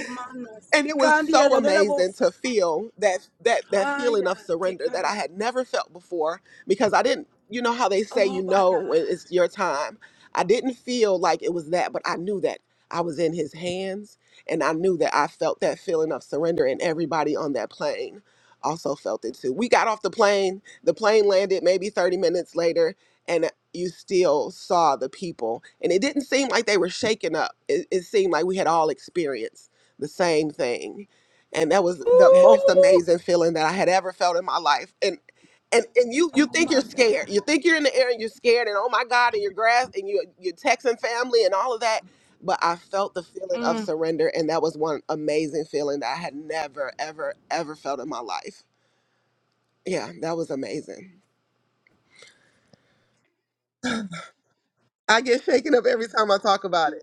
C: Manas.
K: and it was
C: Ikandi
K: so
C: ala de la
K: amazing
C: bolsa.
K: to feel that that that
C: Ay,
K: feeling of
C: ah, te
K: surrender that
C: kanda.
K: I had never felt before because I didn't you know how they say
C: Oh
K: you
C: my
K: know
C: God.
K: when it's your time. I didn't feel like it was that, but I knew that I was in his hands and I knew that I felt that feeling of surrender and everybody on that plane also felt it too. We got off the plane, the plane landed maybe 30 minutes later and you still saw the people and it didn't seem like they were shaken up. It, it seemed like we had all experienced the same thing. And that was the most
C: Ooh.
K: amazing feeling that I had ever felt in my life. And and and you you
C: Oh
K: think you're
C: my God.
K: scared. You think you're in the air and you're scared and oh my God and you're grass and you you're texting family and all of that. But I felt the feeling of
C: Mm.
K: surrender and that was one amazing feeling that I had never, ever, ever felt in my life. Yeah, that was amazing. I get shaken up every time I talk about it.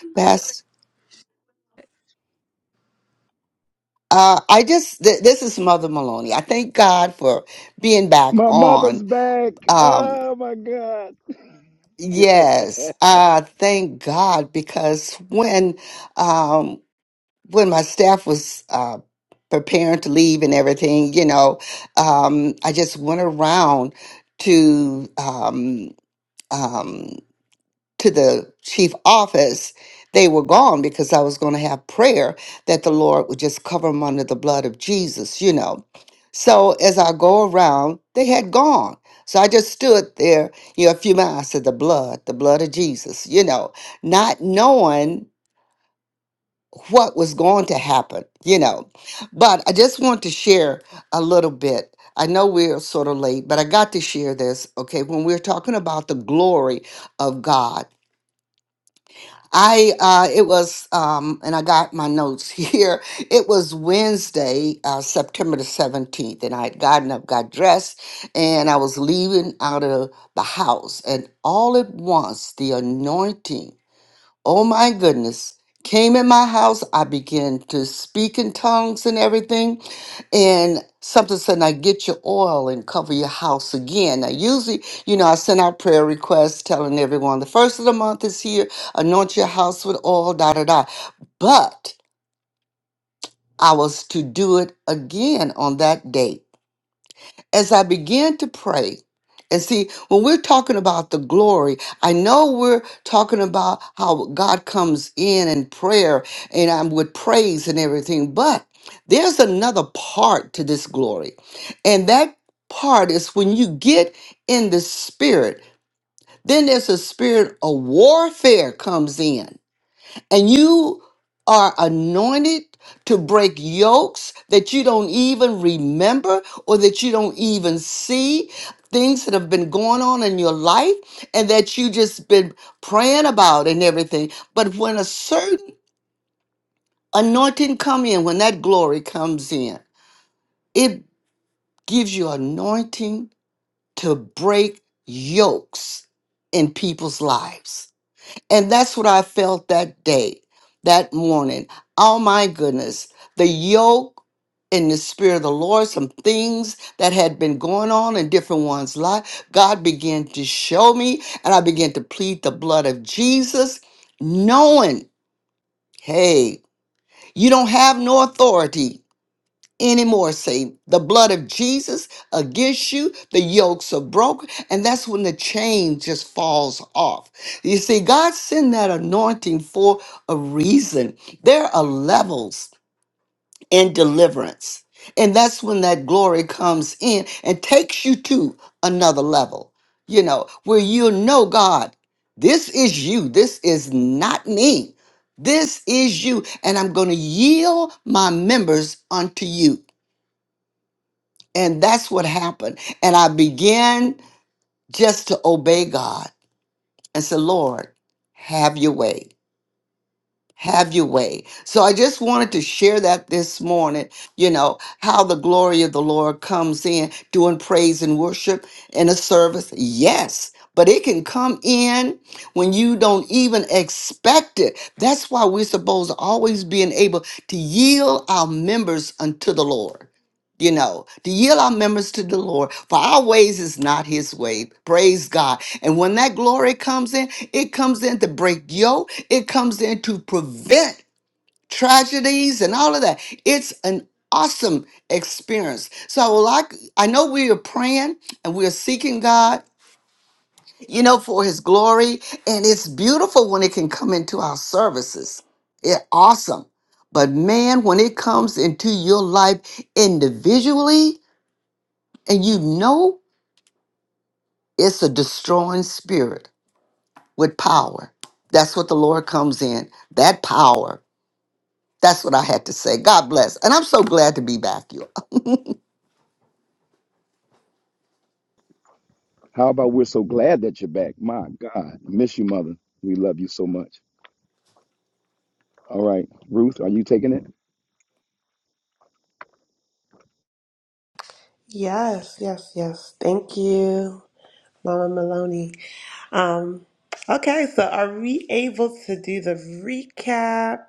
H: God. Uh, I just, th- this is Mother Maloney. I thank God for being back
G: My
H: on.
G: mother's back.
H: Um,
G: Oh my God.
H: yes, I thank God because when, um, when my staff was, uh, preparing to leave and everything, you know, um, I just went around to, um, um, to the chief office, they were gone because I was going to have prayer that the Lord would just cover them under the blood of Jesus, you know. So as I go around, they had gone. So I just stood there, you know, a few miles. I said, the blood, the blood of Jesus, you know, not knowing what was going to happen, you know. But I just want to share a little bit. I know we're sort of late, but I got to share this, okay? When we're talking about the glory of God, I uh, it was um, and I got my notes here. It was Wednesday, uh, September the seventeenth, and I had gotten up, got dressed, and I was leaving out of the house, and all at once the anointing oh my goodness, came in my house. I began to speak in tongues and everything. And something said, now get your oil and cover your house again. Now, usually, you know, I send out prayer requests telling everyone the first of the month is here, anoint your house with oil, da da da. But I was to do it again on that date as I began to pray, and see, when we're talking about the glory, I know we're talking about how God comes in and prayer and I'm with praise and everything, but there's another part to this glory. And that part is when you get in the spirit, then there's a spirit of warfare comes in and you are anointed to break yokes that you don't even remember or that you don't even see things that have been going on in your life and that you just been praying about and everything but when a certain anointing come in when that glory comes in it gives you anointing to break yokes in people's lives And that's what I felt that day, that morning. Oh my goodness, the yoke in the spirit of the Lord, some things that had been going on in different ones' life, God began to show me, and I began to plead the blood of Jesus, knowing, hey, you don't have no authority anymore. Say the blood of Jesus against you, the yokes are broken, and that's when the chain just falls off. You see, God sent that anointing for a reason. There are levels in deliverance, and that's when that glory comes in and takes you to another level, you know, where you know God. This is you. This is not me. This is you. And I'm going to yield my members unto you. And that's what happened. And I began just to obey God and say, Lord, have your way have your way. So I just wanted to share that this morning, you know, how the glory of the Lord comes in doing praise and worship in a service. Yes, but it can come in when you don't even expect it. That's why we're supposed to always being able to yield our members unto the Lord. You know, to yield our members to the Lord, for our ways is not his way. Praise God. And when that glory comes in, it comes in to break yoke, it comes in to prevent tragedies and all of that. It's an awesome experience. So I would like I know we are praying and we are seeking God, you know, for his glory. And it's beautiful when it can come into our services. It awesome. But man, when it comes into your life individually, and you know it's a destroying spirit with power. That's what the Lord comes in. That power. That's what I had to say. God bless. And I'm so glad to be back, you. all
G: How about we're so glad that you're back? My God. Miss you, mother. We love you so much. All right. Ruth, are you taking it?
B: Yes, yes, yes. Thank you, Mama Maloney. Um, okay, so are we able to do the recap,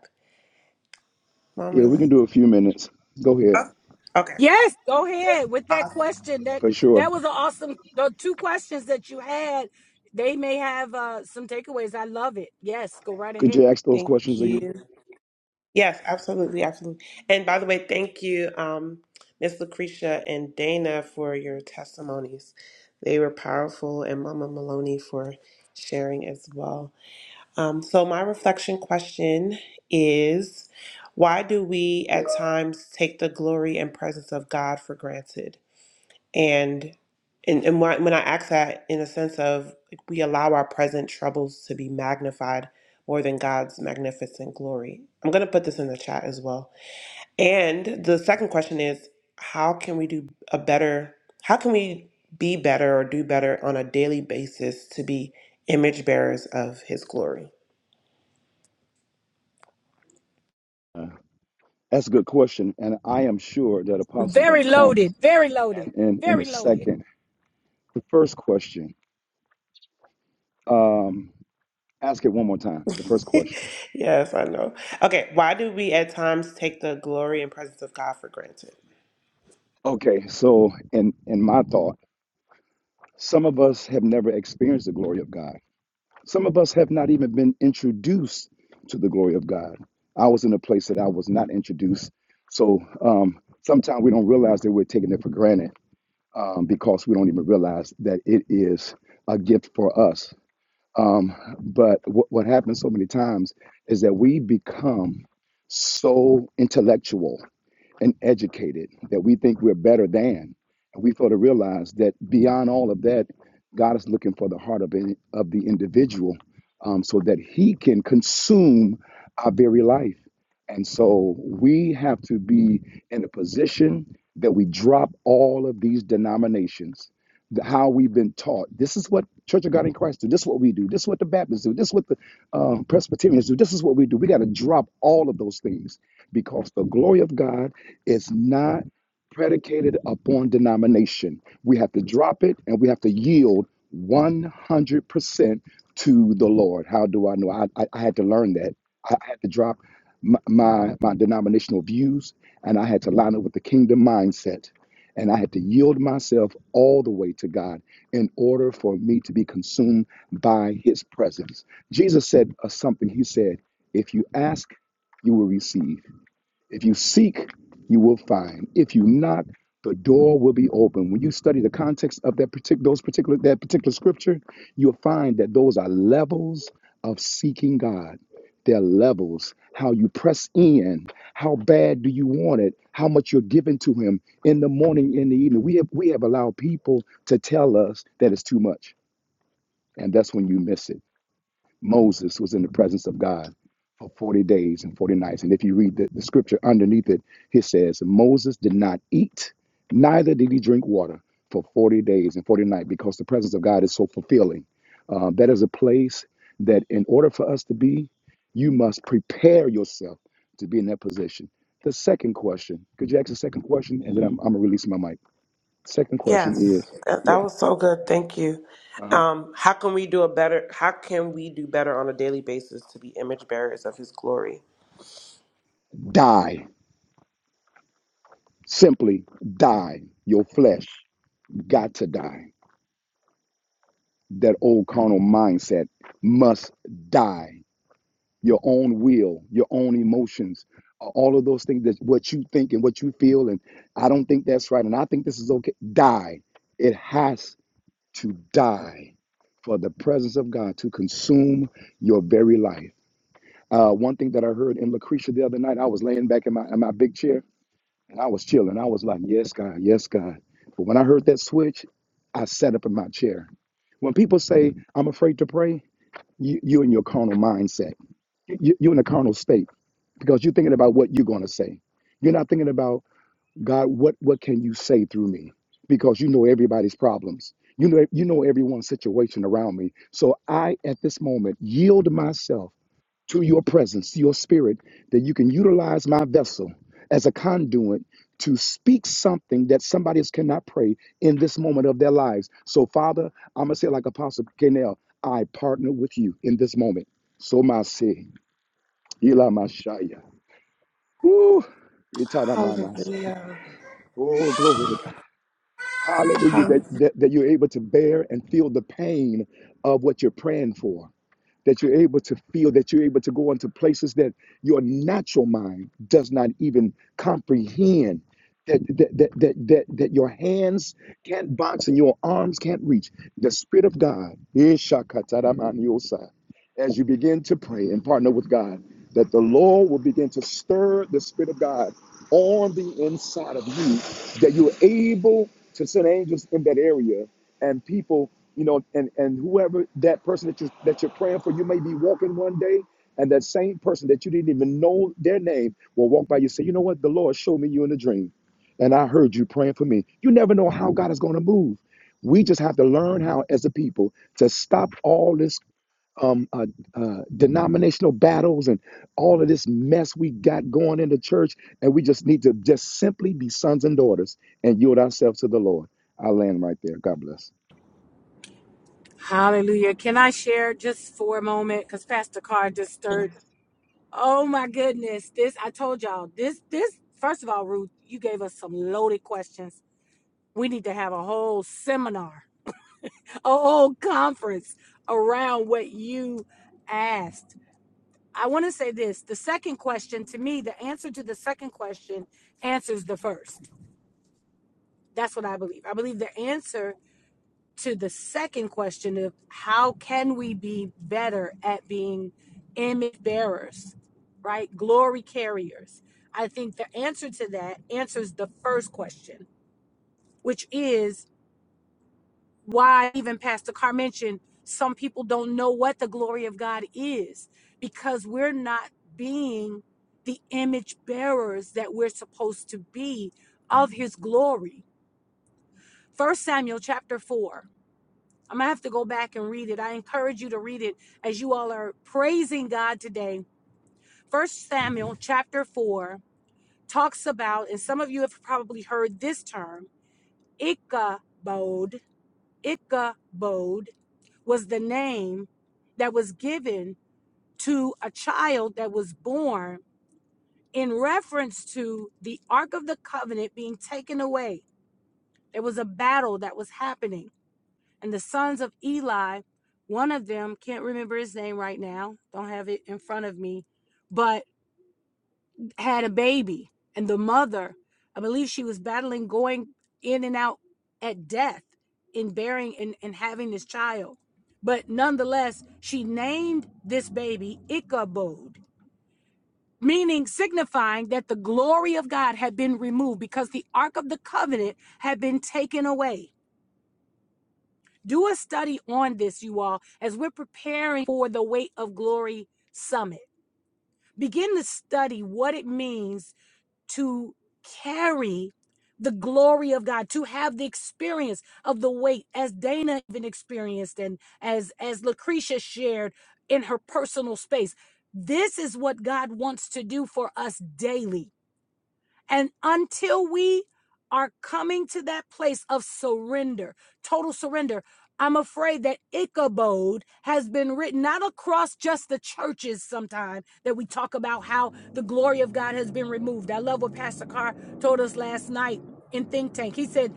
B: Mom
G: Yeah, we can
B: Marlene?
G: do a few minutes. Go ahead.
B: Oh, okay.
C: Yes, go
G: Yeah,
C: ahead with that
B: Awesome.
C: question. That
G: for
C: that
G: sure.
C: was an awesome. The two questions that you had, they may have uh, some takeaways. I love it. Yes, go right
G: Could
C: ahead.
G: you ask those
B: Thank
G: questions again?
B: you. Yes, absolutely, absolutely. And by the way, thank you, um, Miss Lucretia and Dana for your testimonies. They were powerful, and Mama Maloney for sharing as well. Um, so, my reflection question is why do we at times take the glory and presence of God for granted? And and, and when I when I ask that in a sense of like, we allow our present troubles to be magnified more than God's magnificent glory. I'm going to put this in the chat as well. And the second question is how can we do a better, how can we be better or do better on a daily basis to be image bearers of his glory?
G: Uh, That's a good question. And I am sure that Apostle's going
C: Very
G: to come
C: loaded. Very loaded.
G: in, in a
C: Very loaded.
G: second. The first question, um, ask it one more time. The first question.
B: Yes, I know. Okay, why do we at times take the glory and presence of God for granted?
G: Okay, so in, in my thought, Some of us have never experienced the glory of God. Some of us have not even been introduced to the glory of God. I was in a place that I was not introduced. So um, sometimes we don't realize that we're taking it for granted um, because we don't even realize that it is a gift for us. Um, but what what happens so many times is that we become so intellectual and educated that we think we're better than. And we fail to realize that beyond all of that, God is looking for the heart of, any, of the individual um, so that he can consume our very life. And so we have to be in a position that we drop all of these denominations, the- how we've been taught. This is what Church of God in Christ do. This is what we do. This is what the Baptists do. This is what the um, Presbyterians do. This is what we do. We got to drop all of those things because the glory of God is not predicated upon denomination. We have to drop it and we have to yield 100% to the Lord. How do I know? I, I, I had to learn that. I, had to drop my, my, my denominational views and I had to line up with the kingdom mindset. And I had to yield myself all the way to God in order for me to be consumed by his presence. Jesus said uh, something. He said, If you ask, you will receive. If you seek, you will find. If you knock, the door will be open. When you study the context of that particular those particular that particular scripture, you'll find that those are levels of seeking God. They're levels. How you press in, how bad do you want it, how much you're giving to him in the morning, in the evening. We have we have allowed people to tell us that it's too much. And that's when you miss it. Moses was in the presence of God for 40 days and 40 nights. And if you read the, the scripture underneath it, it says, Moses did not eat, neither did he drink water for 40 days and 40 nights because the presence of God is so fulfilling. Uh, that is a place that, in order for us to be, you must prepare yourself to be in that position. The second question, could you ask the second question? And then I'm, I'm going to release my mic. Second question
B: Yes,
G: is,
B: that, that
G: yeah,
B: was so good. Thank you.
G: uh
B: Um, how can we do a better? How can we do better on a daily basis to be image bearers of His glory?
G: die. Simply die your flesh. got to die. That old carnal mindset must die. Your own will, your own emotions, all of those things that what you think and what you feel, and I don't think that's right, and I think this is okay. Die. It has to die for the presence of God to consume your very life. Uh, one thing that I heard in Lucretia the other night, I was laying back in my in my big chair And I was chilling. I was like, yes, God, yes, God. But when I heard that switch, I sat up in my chair. When people say, I'm afraid to pray, you, you're in your carnal mindset. You, you're in a carnal state because you're thinking about what you're going to say. You're not thinking about, God, what, what can you say through me? Because you know everybody's problems. You know, you know everyone's situation around me. So I, at this moment, yield myself to your presence, to your spirit, that you can utilize my vessel as a conduit to speak something that somebody else cannot pray in this moment of their lives. So, Father, I'm gonna say it like Apostle Canel, I partner with you in this moment. So my say, Ila Mashaya. Woo! Itadamanas.
B: Hallelujah.
G: Oh, glory to God. Hallelujah. That,
B: Hallelujah.
G: that, that you're able to bear and feel the pain of what you're praying for that you're able to feel, that you're able to go into places that your natural mind does not even comprehend. That, that, that, that, that, that your hands can't box and your arms can't reach. The Spirit of God, Ishakataramaniosa, as you begin to pray and partner with God, that the Lord will begin to stir the Spirit of God on the inside of you that you're able to send angels in that area and people you know and and whoever that person that you that you're praying for you may be walking one day and that same person that you didn't even know their name will walk by you and say you know what the lord showed me you in a dream and i heard you praying for me you never know how god is going to move we just have to learn how as a people to stop all this um, uh, uh, denominational battles and all of this mess we got going in the church. And we just need to just simply be sons and daughters and yield ourselves to the Lord. I land right there. God bless.
C: Hallelujah. Can I share just for a moment? Because Pastor Carr just stirred. Oh my goodness. This I told y'all. This this first of all, Ruth, you gave us some loaded questions. We need to have a whole seminar, a whole conference around what you asked I want to say this. The second question, to me, the answer to the second question answers the first. That's what I believe. I believe the answer to the second question of how can we be better at being image bearers, right? Glory carriers. I think the answer to that answers the first question, which is why even pastor carr mentioned some people don't know what the glory of god is because we're not being the image bearers that we're supposed to be of his glory first samuel chapter 4 i'm gonna have to go back and read it i encourage you to read it as you all are praising god today first samuel chapter 4 talks about and some of you have probably heard this term ichabod ichabod was the name that was given to a child that was born in reference to the Ark of the Covenant being taken away. There was a battle that was happening, and the sons of Eli, one of them, can't remember his name right now, don't have it in front of me, but. had a baby and the mother i believe she was battling going in and out at death in bearing and, and having this child but nonetheless she named this baby ichabod meaning signifying that the glory of god had been removed because the ark of the covenant had been taken away do a study on this you all as we're preparing for the weight of glory summit begin to study what it means to carry the glory of God, to have the experience of the weight as Dana even experienced and as as Lucretia shared in her personal space. This is what God wants to do for us daily and until we are coming to that place of surrender, total surrender, I'm afraid that Ichabod has been written not across just the churches sometime that we talk about how the glory of God has been removed. I love what Pastor Carr told us last night in Think Tank. He said,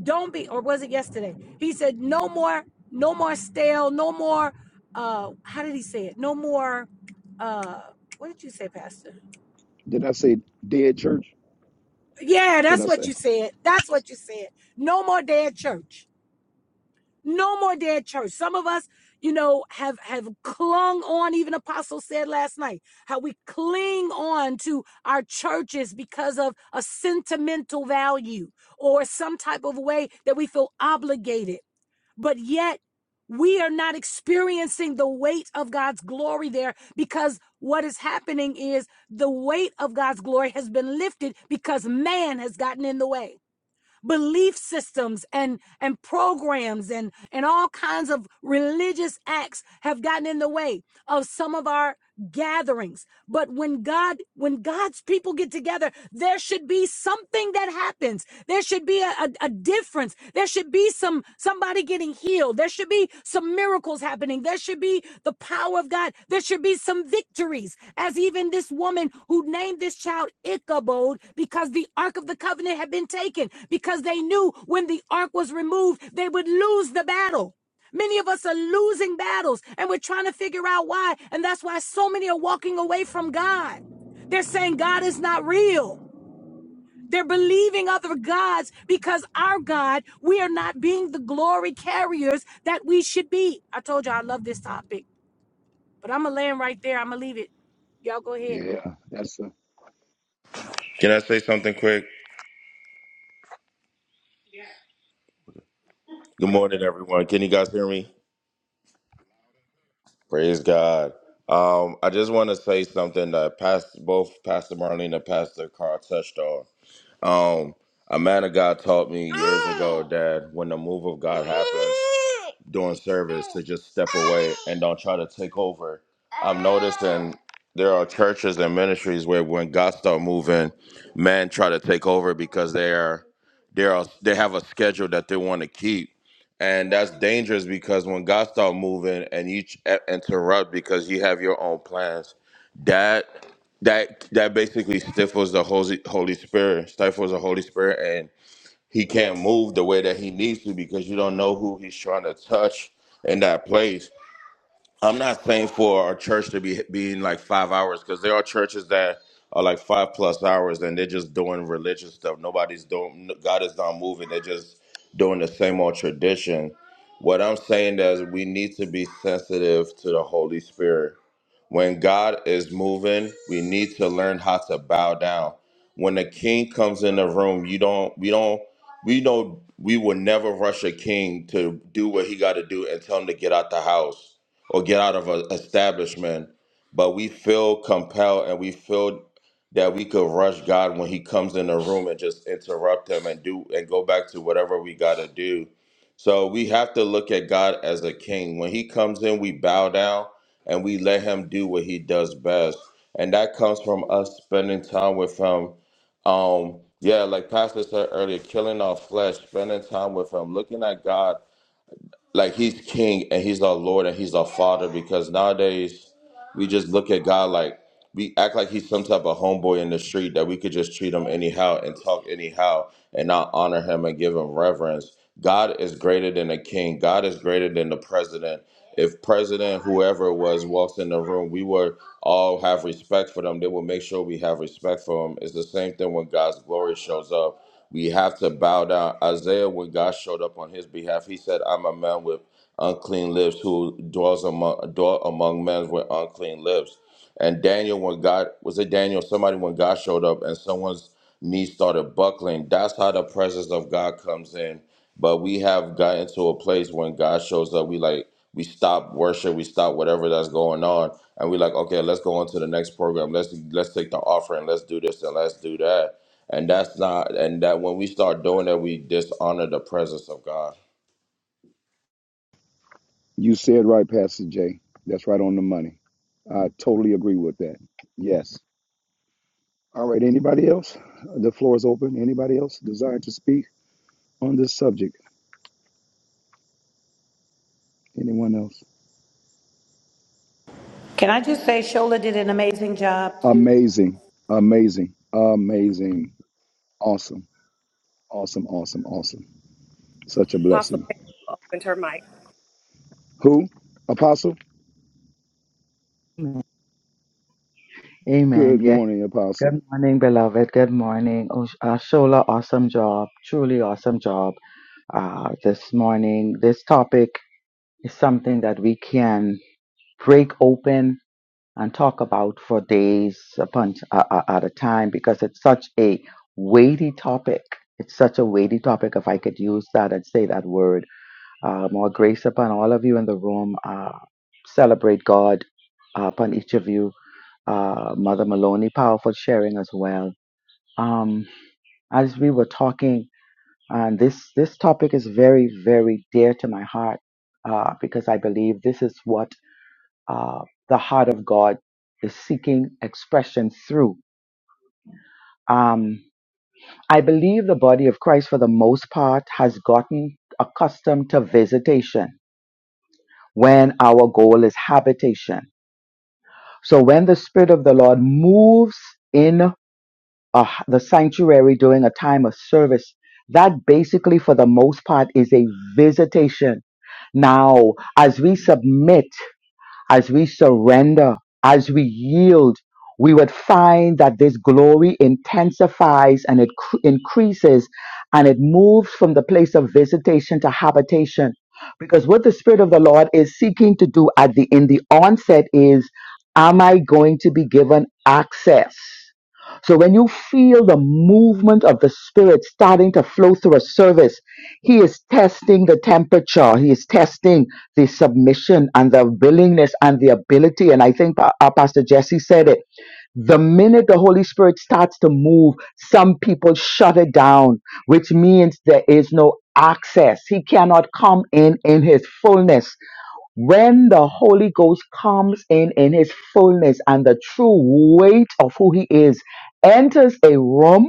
C: Don't be, or was it yesterday? He said, No more, no more stale, no more, uh, how did he say it? No more, uh, what did you say, Pastor?
G: Did I say dead church?
C: Yeah,
G: What did
C: that's
G: I
C: what you
G: say?
C: said. That's what you said. No more dead church. No more dead church. Some of us, you know, have have clung on. Even Apostle said last night how we cling on to our churches because of a sentimental value or some type of way that we feel obligated but yet we are not experiencing the weight of God's glory there because what is happening is the weight of God's glory has been lifted because man has gotten in the way. Belief systems and and programs and and all kinds of religious acts have gotten in the way of some of our gatherings. But when God, when God's people get together, there should be something that happens. There should be a, a a difference. There should be some somebody getting healed. There should be some miracles happening. There should be the power of God. There should be some victories. As even this woman who named this child Ichabod because the Ark of the Covenant had been taken, because they knew when the Ark was removed, they would lose the battle. Many of us are losing battles and we're trying to figure out why. And that's why so many are walking away from God. They're saying God is not real. They're believing other gods because our God, we are not being the glory carriers that we should be. I told you I love this topic, but I'm going to land right there. I'm going to leave it. Y'all go ahead.
G: Yeah, that's a,
L: Can I say something quick? Good morning, everyone. Can you guys hear me? Praise God. Um, I just want to say something that past both Pastor Marlene and Pastor Carl touched on. Um, a man of God taught me years ago that when the move of God happens during service, to just step away and don't try to take over. I'm noticing there are churches and ministries where when God start moving, men try to take over because they are they are they have a schedule that they want to keep. And that's dangerous because when God start moving and you ch- interrupt because you have your own plans, that that that basically stifles the holy holy spirit stifles the holy spirit and he can't move the way that he needs to because you don't know who he's trying to touch in that place I'm not saying for our church to be being like five hours because there are churches that are like five plus hours and they're just doing religious stuff. Nobody's doing. God is not moving. They're just doing the same old tradition. What I'm saying is we need to be sensitive to the Holy Spirit. When God is moving, we need to learn how to bow down. When the King comes in the room, you don't. We don't. We know we will never rush a king to do what he got to do and tell him to get out the house or get out of an establishment, but we feel compelled and we feel that we could rush God when He comes in the room and just interrupt Him and do and go back to whatever we got to do. So we have to look at God as a king. When He comes in, we bow down and we let Him do what He does best, and that comes from us spending time with Him. Um, yeah, like Pastor said earlier, killing our flesh, spending time with Him, looking at God like he's king and he's our lord and he's our father because nowadays we just look at god like we act like he's some type of homeboy in the street that we could just treat him anyhow and talk anyhow and not honor him and give him reverence. God is greater than a king. God is greater than the president. If president whoever it was walks in the room, we would all have respect for them. They will make sure we have respect for them. It's the same thing when God's glory shows up. We have to bow down. Isaiah, when God showed up on his behalf, he said, "I'm a man with unclean lips who dwells among dwell among men with unclean lips." And Daniel, when God was it Daniel, somebody when God showed up and someone's knee started buckling, that's how the presence of God comes in. But we have gotten to a place when God shows up, we like we stop worship, we stop whatever that's going on, and we like, okay, let's go on to the next program. Let's let's take the offering, let's do this and let's do that. And that's not and that when we start doing that, we dishonor the presence of God.
G: you said right, Pastor Jay. That's right on the money. I totally agree with that. Yes. All right. Anybody else? The floor is open. Anybody else desire to speak on this subject? Anyone else?
C: Can I just say Shola did an amazing job too?
G: Amazing. Amazing. Amazing. Awesome, awesome, awesome, awesome. Such a
D: Apostle
G: blessing.
D: Pam opened her mic.
G: Who? Apostle?
J: Amen. Amen.
G: Good
J: Yes.
G: morning, Apostle.
J: Good morning, beloved. Good morning. Oh, uh, Shola, awesome job. Truly awesome job uh, this morning. This topic is something that we can break open and talk about for days upon uh, uh, at a time because it's such a weighty topic. It's such a weighty topic. If I could use that and say that word, uh, more grace upon all of you in the room. Uh, celebrate God uh, upon each of you. Uh, Mother Maloney, powerful sharing as well. Um, as we were talking, and this this topic is very very dear to my heart uh, because I believe this is what uh, the heart of God is seeking expression through. Um, I believe the body of Christ, for the most part, has gotten accustomed to visitation when our goal is habitation. So when the Spirit of the Lord moves in uh, the sanctuary during a time of service, that basically, for the most part, is a visitation. Now, as we submit, as we surrender, as we yield, we would find that this glory intensifies and it cr- increases and it moves from the place of visitation to habitation. Because what the Spirit of the Lord is seeking to do at the in the onset is, am I going to be given access? So when you feel the movement of the Spirit starting to flow through a service, He is testing the temperature. He is testing the submission and the willingness and the ability. And I think Pa- uh, Pastor Jesse said it. The minute the Holy Spirit starts to move, some people shut it down, which means there is no access. He cannot come in in His fullness when the Holy Ghost comes in in his fullness and the true weight of who he is enters a room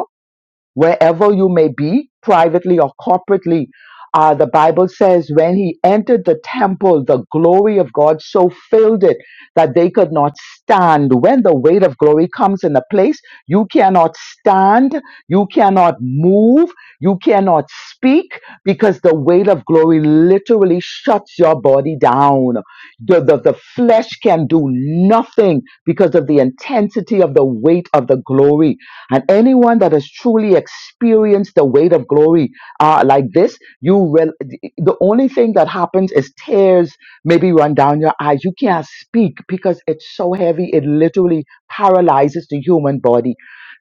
J: wherever you may be, privately or corporately. Uh, the Bible says when he entered the temple, the glory of God so filled it that they could not stand. When the weight of glory comes in a place, you cannot stand, you cannot move, you cannot speak because the weight of glory literally shuts your body down. The, the, the flesh can do nothing because of the intensity of the weight of the glory. And anyone that has truly experienced the weight of glory uh, like this, you will, the only thing that happens is tears maybe run down your eyes. You can't speak because it's so heavy. It literally paralyzes the human body.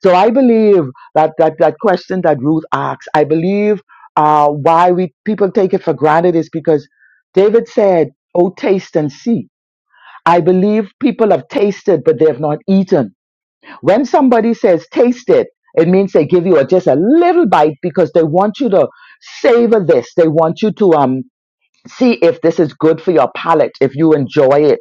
J: So I believe that, that, that question that Ruth asks, I believe uh, why we people take it for granted is because David said, Oh, taste and see. I believe people have tasted, but they have not eaten. When somebody says taste it, it means they give you a, just a little bite because they want you to savor this. They want you to um see if this is good for your palate if you enjoy it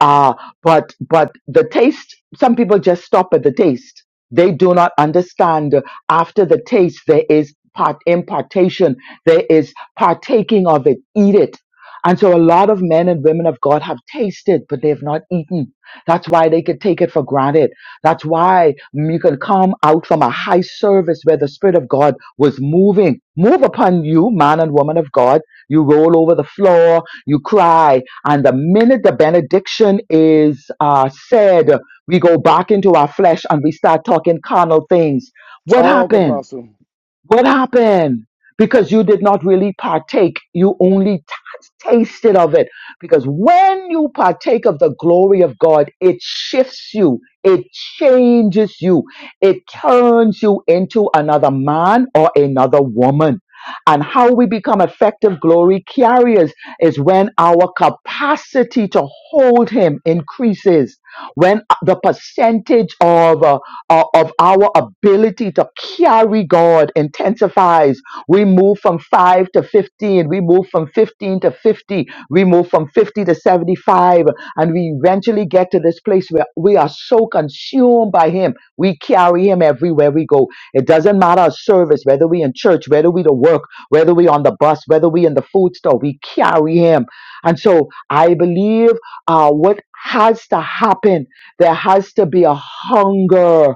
J: uh but but the taste some people just stop at the taste they do not understand uh, after the taste there is part impartation there is partaking of it eat it and so a lot of men and women of god have tasted but they have not eaten that's why they could take it for granted that's why you can come out from a high service where the spirit of god was moving move upon you man and woman of god you roll over the floor, you cry. And the minute the benediction is uh, said, we go back into our flesh and we start talking carnal things. What
G: Talk,
J: happened?
G: Apostle.
J: What happened? Because you did not really partake. You only t- tasted of it. Because when you partake of the glory of God, it shifts you. It changes you. It turns you into another man or another woman. And how we become effective glory carriers is when our capacity to hold Him increases, when uh, the percentage of uh, uh, of our ability to carry God intensifies. We move from 5 to 15, we move from 15 to 50, we move from 50 to 75, and we eventually get to this place where we are so consumed by Him. We carry Him everywhere we go. It doesn't matter our service, whether we in church, whether we to work, whether we on the bus, whether we in the food store, we carry Him. And so I believe uh, what has to happen, there has to be a hunger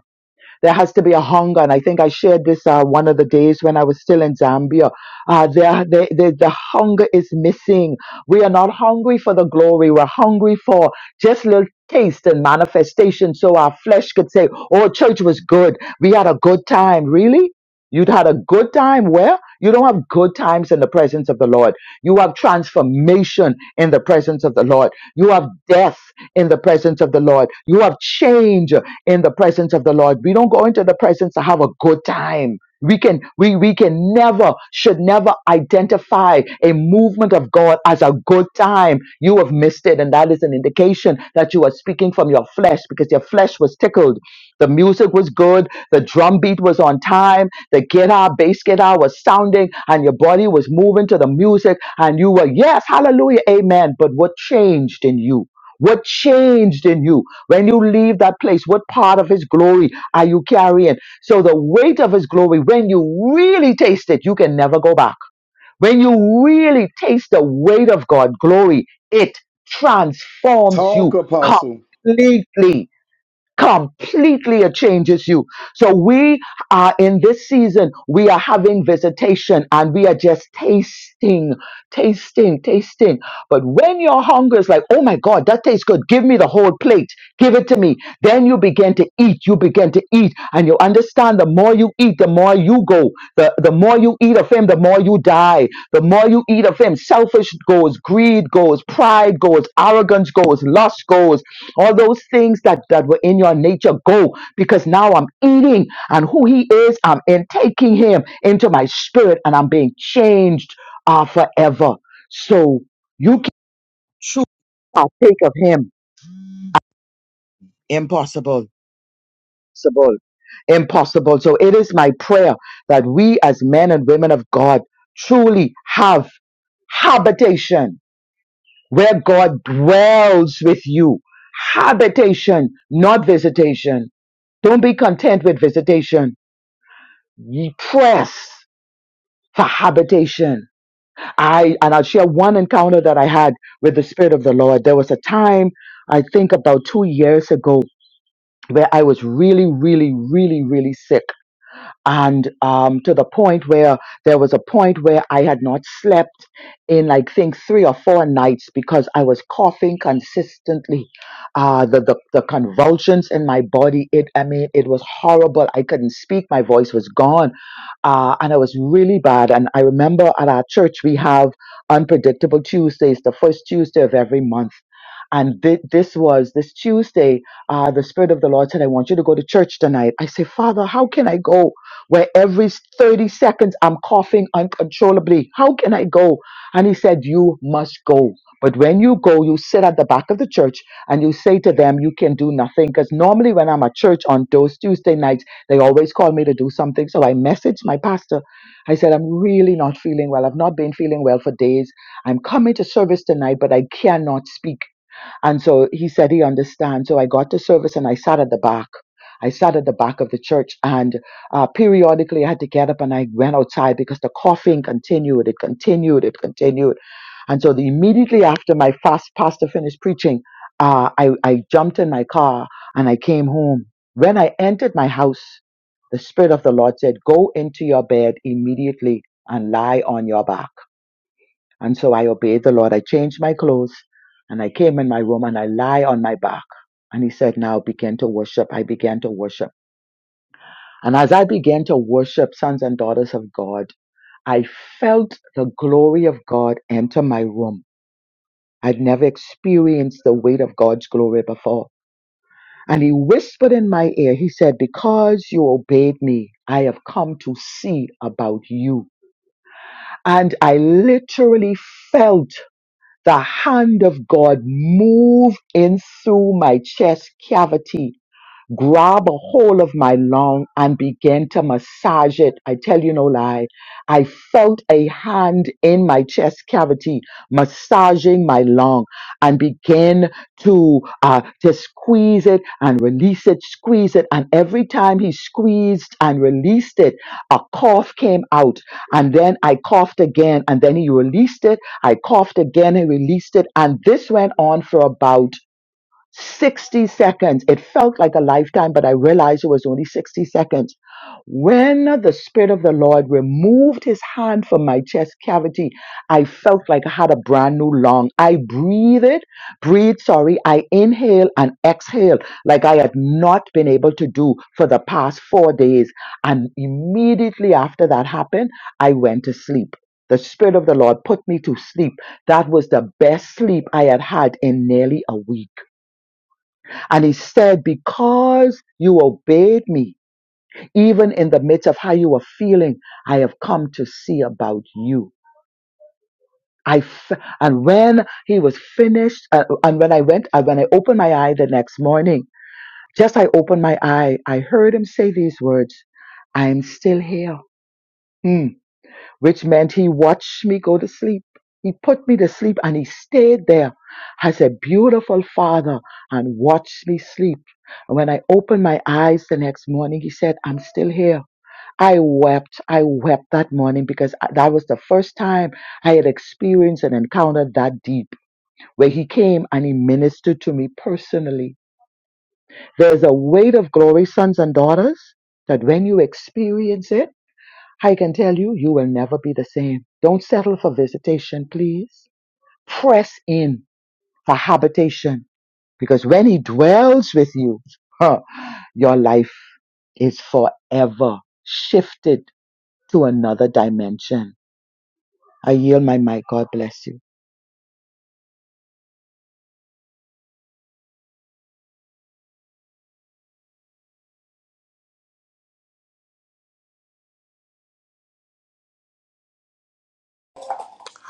J: there has to be a hunger, and I think I shared this uh, one of the days when I was still in Zambia. Uh, there, there, there, the hunger is missing. We are not hungry for the glory. We're hungry for just little taste and manifestation, so our flesh could say, "Oh, church was good. We had a good time." Really, you'd had a good time. Where you don't have good times in the presence of the Lord. You have transformation in the presence of the Lord. You have death in the presence of the Lord. You have change in the presence of the Lord. We don't go into the presence to have a good time. We can we we can never should never identify a movement of God as a good time. You have missed it, and that is an indication that you are speaking from your flesh because your flesh was tickled. The music was good, the drum beat was on time, the guitar, bass guitar was sounding, and your body was moving to the music, and you were, yes, hallelujah, amen. But what changed in you? What changed in you when you leave that place? What part of His glory are you carrying? So, the weight of His glory, when you really taste it, you can never go back. When you really taste the weight of God's glory, it transforms
G: Talk,
J: you
G: Apostle.
J: completely completely it changes you so we are in this season we are having visitation and we are just tasting tasting tasting but when your hunger is like oh my god that tastes good give me the whole plate give it to me then you begin to eat you begin to eat and you understand the more you eat the more you go the, the more you eat of him the more you die the more you eat of him selfish goes greed goes pride goes arrogance goes lust goes all those things that that were in your nature go because now i'm eating and who he is i'm in him into my spirit and i'm being changed uh, forever so you can choose to partake of him impossible impossible impossible so it is my prayer that we as men and women of god truly have habitation where god dwells with you habitation not visitation Don't be content with visitation. Ye press for habitation. I and I'll share one encounter that I had with the Spirit of the Lord. There was a time, I think about two years ago, where I was really, really, really, really sick. and um, to the point where there was a point where I had not slept in like think three or four nights because I was coughing consistently. Uh, the, the the convulsions in my body, it I mean it was horrible. I couldn't speak. My voice was gone, uh, and it was really bad. And I remember at our church we have unpredictable Tuesdays, the first Tuesday of every month. And thi- this was this Tuesday, uh, the Spirit of the Lord said, I want you to go to church tonight. I say, Father, how can I go? where every 30 seconds I'm coughing uncontrollably. How can I go? And he said, You must go. But when you go, you sit at the back of the church and you say to them, You can do nothing. Because normally, when I'm at church on those Tuesday nights, they always call me to do something. So I messaged my pastor. I said, I'm really not feeling well. I've not been feeling well for days. I'm coming to service tonight, but I cannot speak. And so he said he understands. So I got to service and I sat at the back. I sat at the back of the church and uh, periodically I had to get up and I went outside because the coughing continued. It continued. It continued. And so the, immediately after my fast pastor finished preaching, uh, I, I jumped in my car and I came home. When I entered my house, the Spirit of the Lord said, go into your bed immediately and lie on your back. And so I obeyed the Lord. I changed my clothes and I came in my room and I lie on my back. And he said, now begin to worship. I began to worship. And as I began to worship sons and daughters of God, I felt the glory of God enter my room. I'd never experienced the weight of God's glory before. And he whispered in my ear, he said, because you obeyed me, I have come to see about you. And I literally felt The hand of God moved in through my chest cavity grab a hold of my lung and began to massage it. I tell you no lie. I felt a hand in my chest cavity massaging my lung and began to uh, to squeeze it and release it, squeeze it. And every time he squeezed and released it, a cough came out. And then I coughed again and then he released it. I coughed again and released it. And this went on for about 60 seconds. It felt like a lifetime, but I realized it was only 60 seconds. When the Spirit of the Lord removed his hand from my chest cavity, I felt like I had a brand new lung. I breathed, it, breathe, sorry, I inhale and exhale like I had not been able to do for the past four days. And immediately after that happened, I went to sleep. The Spirit of the Lord put me to sleep. That was the best sleep I had had in nearly a week. And he said, Because you obeyed me, even in the midst of how you were feeling, I have come to see about you. I f- and when he was finished, uh, and when I went, uh, when I opened my eye the next morning, just I opened my eye, I heard him say these words, I am still here. Hmm. which meant he watched me go to sleep. He put me to sleep and he stayed there as a beautiful father and watched me sleep. And when I opened my eyes the next morning, he said, I'm still here. I wept. I wept that morning because I- that was the first time I had experienced and encountered that deep where he came and he ministered to me personally. There's a weight of glory, sons and daughters, that when you experience it, I can tell you, you will never be the same. Don't settle for visitation, please. Press in for habitation because when He dwells with you, huh, your life is forever shifted to another dimension. I yield my mic. God bless you.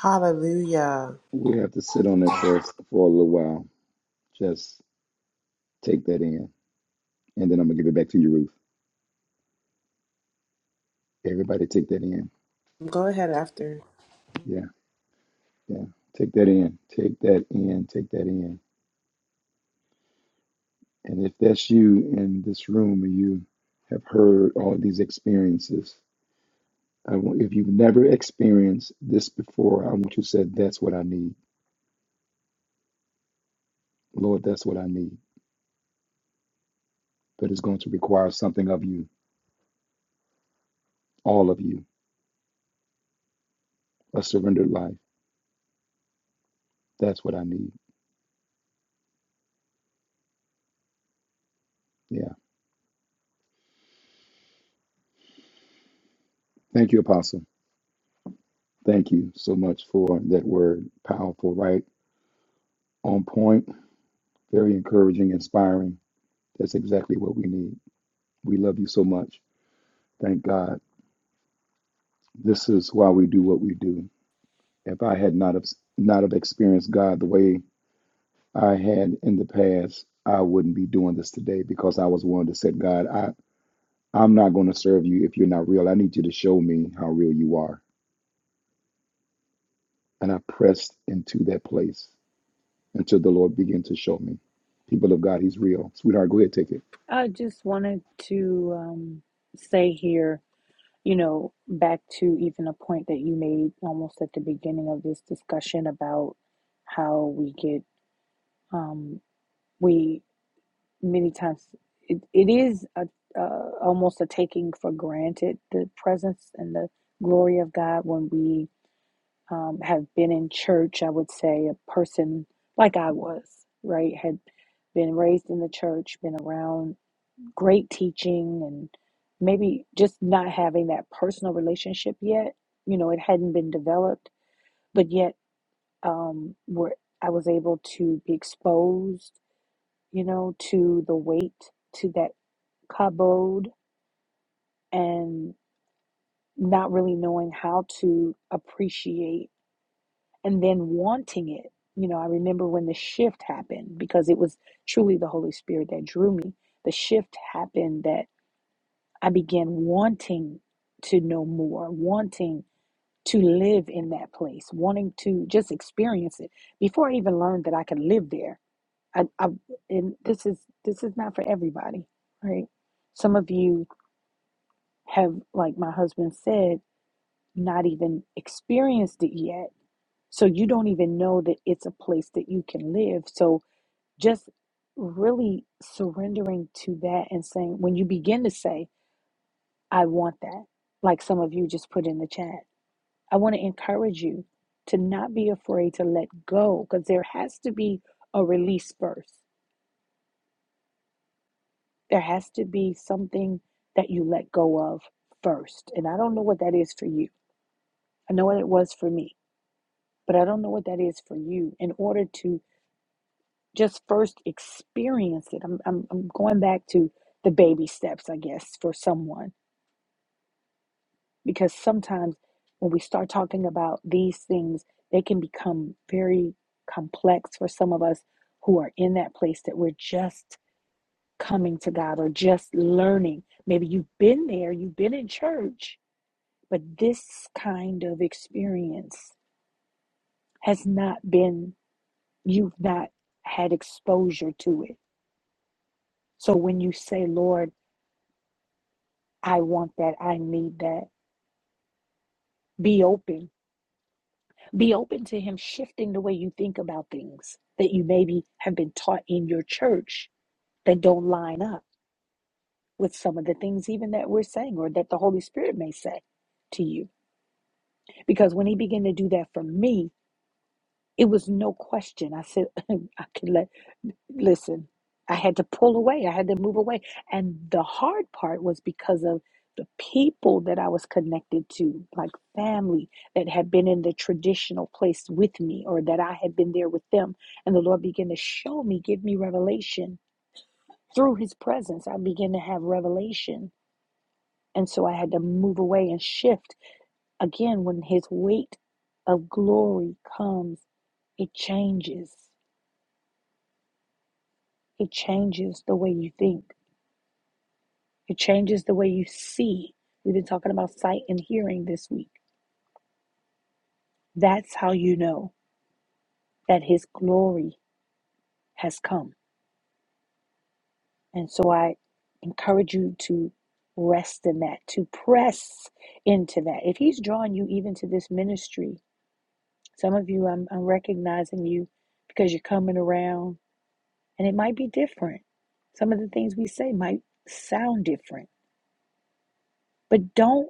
B: Hallelujah.
G: We have to sit on that for, for a little while. Just take that in. And then I'm going to give it back to you, Ruth. Everybody take that in.
B: Go ahead after.
G: Yeah, yeah. Take that in. Take that in. Take that in. And if that's you in this room and you have heard all these experiences, I want, if you've never experienced this before, I want you to say, that's what I need. Lord, that's what I need. But it's going to require something of you, all of you, a surrendered life. That's what I need. Yeah. Thank you, Apostle. Thank you so much for that word. Powerful, right? On point, very encouraging, inspiring. That's exactly what we need. We love you so much. Thank God. This is why we do what we do. If I had not have not have experienced God the way I had in the past, I wouldn't be doing this today because I was willing to say, God, I, I'm not going to serve you if you're not real. I need you to show me how real you are. And I pressed into that place until the Lord began to show me. People of God, He's real. Sweetheart, go ahead, take it.
C: I just wanted to um, say here. you know, back to even a point that you made almost at the beginning of this discussion about how we get, um, we many times it, it is a, uh, almost a taking for granted the presence and the glory of God when we um, have been in church. I would say a person like I was, right, had been raised in the church, been around great teaching and maybe just not having that personal relationship yet. You know, it hadn't been developed, but yet um, where I was able to be exposed, you know, to the weight, to that kabod, and not really knowing how to appreciate and then wanting it. You know, I remember when the shift happened because it was truly the Holy Spirit that drew me. The shift happened that. I began wanting to know more, wanting to live in that place, wanting to just experience it. Before I even learned that I could live there, I, I and this is this is not for everybody, right? Some of you have, like my husband said, not even experienced it yet. So you don't even know that it's a place that you can live. So just really surrendering to that and saying, when you begin to say, I want that, like some of you just put in the chat. I want to encourage you to not be afraid to let go because there has to be a release first. There has to be something that you let go of first. And I don't know what that is for you. I know what it was for me, but I don't know what that is for you in order to just first experience it. I'm, I'm, I'm going back to the baby steps, I guess, for someone because sometimes when we start talking about these things, they can become very complex for some of us who are in that place that we're just coming to God or just learning. Maybe you've been there, you've been in church, but this kind of experience has not been, you've not had exposure to it. So when you say, Lord, I want that, I need that, be open Be open to Him shifting the way you think about things that you maybe have been taught in your church that don't line up with some of the things even that we're saying or that the Holy Spirit may say to you. Because when He began to do that for me, it was no question. I said, I could let, listen, I had to pull away. I had to move away. And the hard part was because of the people that I was connected to, like family that had been in the traditional place with me or that I had been there with them. And the Lord began to show me, give me revelation through his presence. I began to have revelation. And so I had to move away and shift. Again, when his weight of glory comes, it changes. It changes the way you think, it changes the way you see. We've been talking about sight and hearing this week. That's how you know that His glory has come. And so I encourage you to rest in that, to press into that. If He's drawing you even to this ministry, some of you, I'm, I'm recognizing you because you're coming around and it might be different. Some of the things we say might sound different, but don't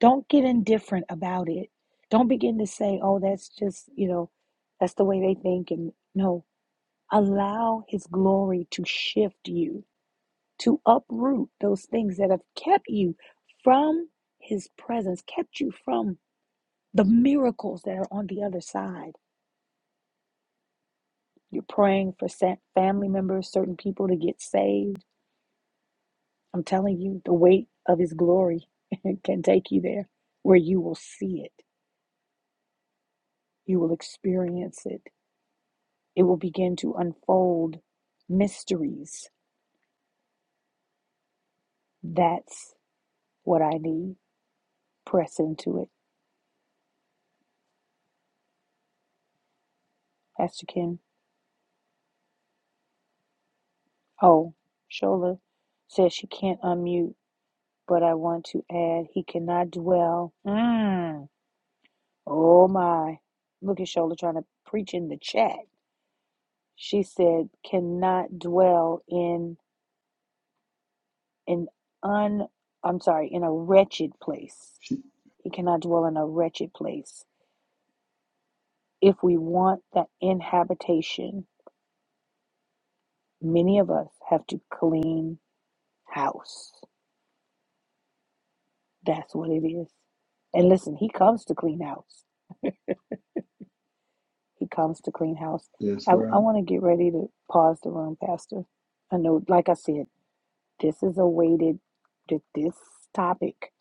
C: Don't get indifferent about it. Don't begin to say, oh, that's just, you know, that's the way they think. And no, allow His glory to shift you, to uproot those things that have kept you from His presence, kept you from the miracles that are on the other side. You're praying for family members, certain people to get saved. I'm telling you, the weight of His glory can take you there where you will see it, you will experience it It will begin to unfold mysteries. That's what I need. Press into it. Pastor Kim. Oh, Shola says she can't unmute, but I want to add he cannot dwell. Mm. Oh my. Look at Shola trying to preach in the chat. She said cannot dwell in an un I'm sorry, in a wretched place.
G: She,
C: He cannot dwell in a wretched place. If we want that inhabitation Many of us have to clean house. That's what it is. And listen, he comes to clean house. He comes to clean house.
G: that's
C: I, I
G: right.
C: want to get ready to pause the room, Pastor. I know, like I said, this is a weighted, th- this topic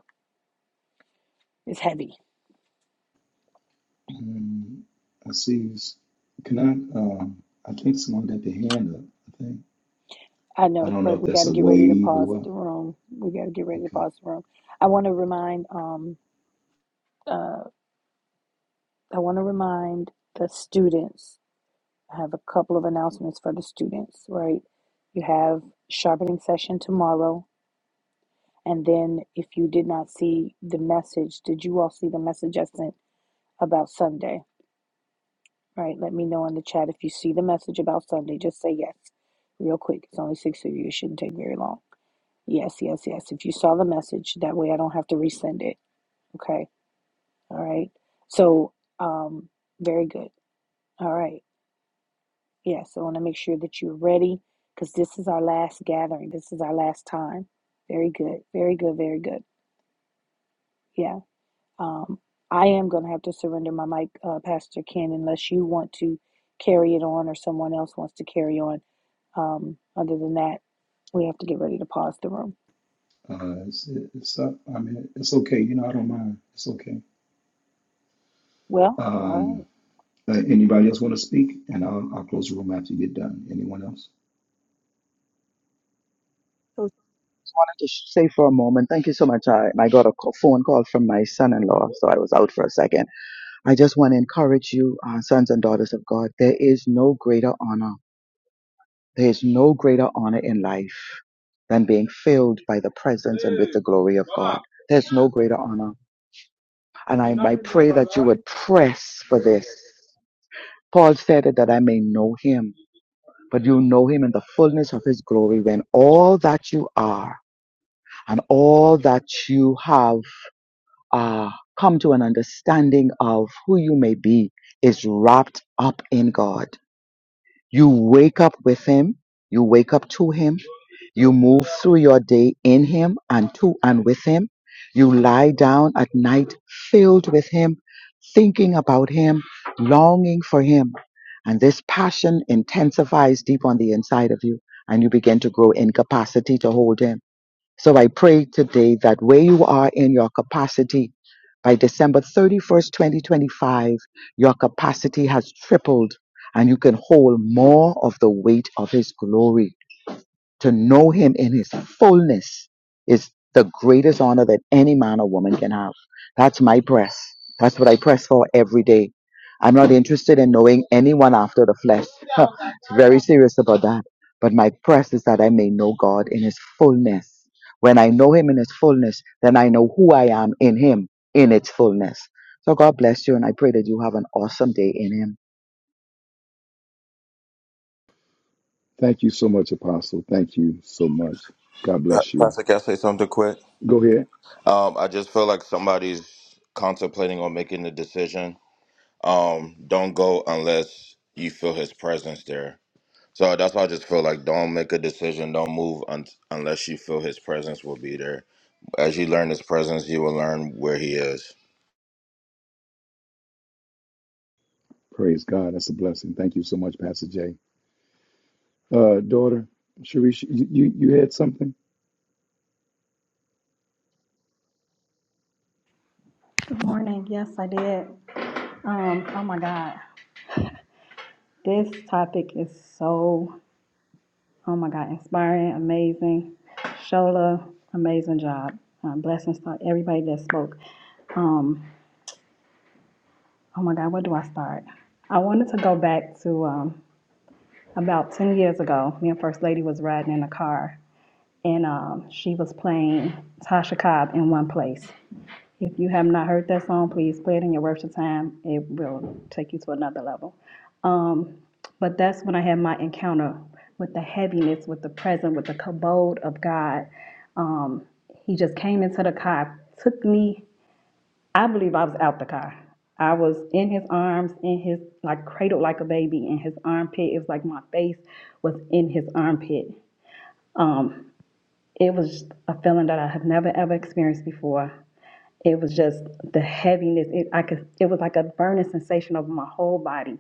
C: is heavy.
G: Um, I see. Can I? Um, I think someone got their hand up. I think.
C: I
G: I
C: know,
G: don't know
C: but
G: if
C: we got
G: that's
C: to
G: a
C: get ready to
G: wave or
C: pause
G: what.
C: the room. We got to get ready to
G: Okay.
C: pause the room. I want to remind, um, uh, I want to remind the students I have a couple of announcements for the students, right? You have sharpening session tomorrow. And then if you did not see the message, did you all see the message I sent about Sunday? Right? Let me know in the chat if you see the message about Sunday. Just say yes real quick. It's only six of you. It shouldn't take very long. Yes, yes, yes. If you saw the message, that way I don't have to resend it. Okay. All right. So, um, very good. All right. Yes, I want to make sure that you're ready because this is our last gathering. This is our last time. Very good. Very good. Very good. Yeah. Um, I am going to have to surrender my mic, uh, Pastor Ken, unless you want to carry it on or someone else wants to carry on. Um, other than that, we have to get ready to pause the room.
G: Uh, it's, it's up. I mean, it's okay. You know, I don't mind. It's okay.
C: Well, all right.
G: Um, thanks.
J: I just say for a moment, thank you so much. I, I got a call, phone call from my son in law, so I was out for a second. I just want to encourage you, uh, sons and daughters of God, there is no greater honor There is no greater honor in life than being filled by the presence and with the glory of God. There's no greater honor. And I, I pray that you would press for this. Paul said it that I may know him, but you know him in the fullness of his glory when all that you are and all that you have uh, come to an understanding of who you may be is wrapped up in God. You wake up with Him. You wake up to Him. You move through your day in Him and to and with Him. You lie down at night filled with Him, thinking about Him, longing for Him. And this passion intensifies deep on the inside of you, and you begin to grow incapacity to hold Him. So I pray today that where you are in your capacity, by December 31st, 2025, your capacity has tripled and you can hold more of the weight of His glory. To know Him in His fullness is the greatest honor that any man or woman can have. That's my press. That's what I press for every day. I'm not interested in knowing anyone after the flesh. very serious about that. But my press is that I may know God in his fullness. When I know him in his fullness, then I know who I am in him in its fullness. So God bless you, and I pray that you have an awesome day in him.
G: Thank you so much, Apostle. Thank you so much. God
L: Uh,
G: bless you.
L: Pastor, can I say something quick?
G: Go ahead.
L: Um, I just feel like somebody's contemplating on making the decision Um, don't go unless you feel his presence there. So that's why I just feel like don't make a decision, don't move un- unless you feel his presence will be there. As you learn his presence, you will learn where he is.
G: Praise God. That's a blessing. Thank you so much, Pastor Jay. Uh, daughter, Sharish, you, you, you had something?
M: Good morning. Yes, I did. Um, oh my God. This topic is so, oh my God, inspiring, amazing. Shola, amazing job. Um, blessings to everybody that spoke. Um, oh my God, where do I start? I wanted to go back to um, about 10 years ago. Me and First Lady was riding in a car, and um, she was playing Tasha Cobb in one place. If you have not heard that song, please play it in your worship time. It will take you to another level. Um, but that's when I had my encounter with the heaviness, with the present, with the kabod of God. Um, he just came into the car, took me. I believe I was out the car. I was in his arms, in his like cradled like a baby in his armpit. It was like my face was in his armpit. It was a feeling that I have never ever experienced before. It was just the heaviness. It I could. It was like a burning sensation over my whole body.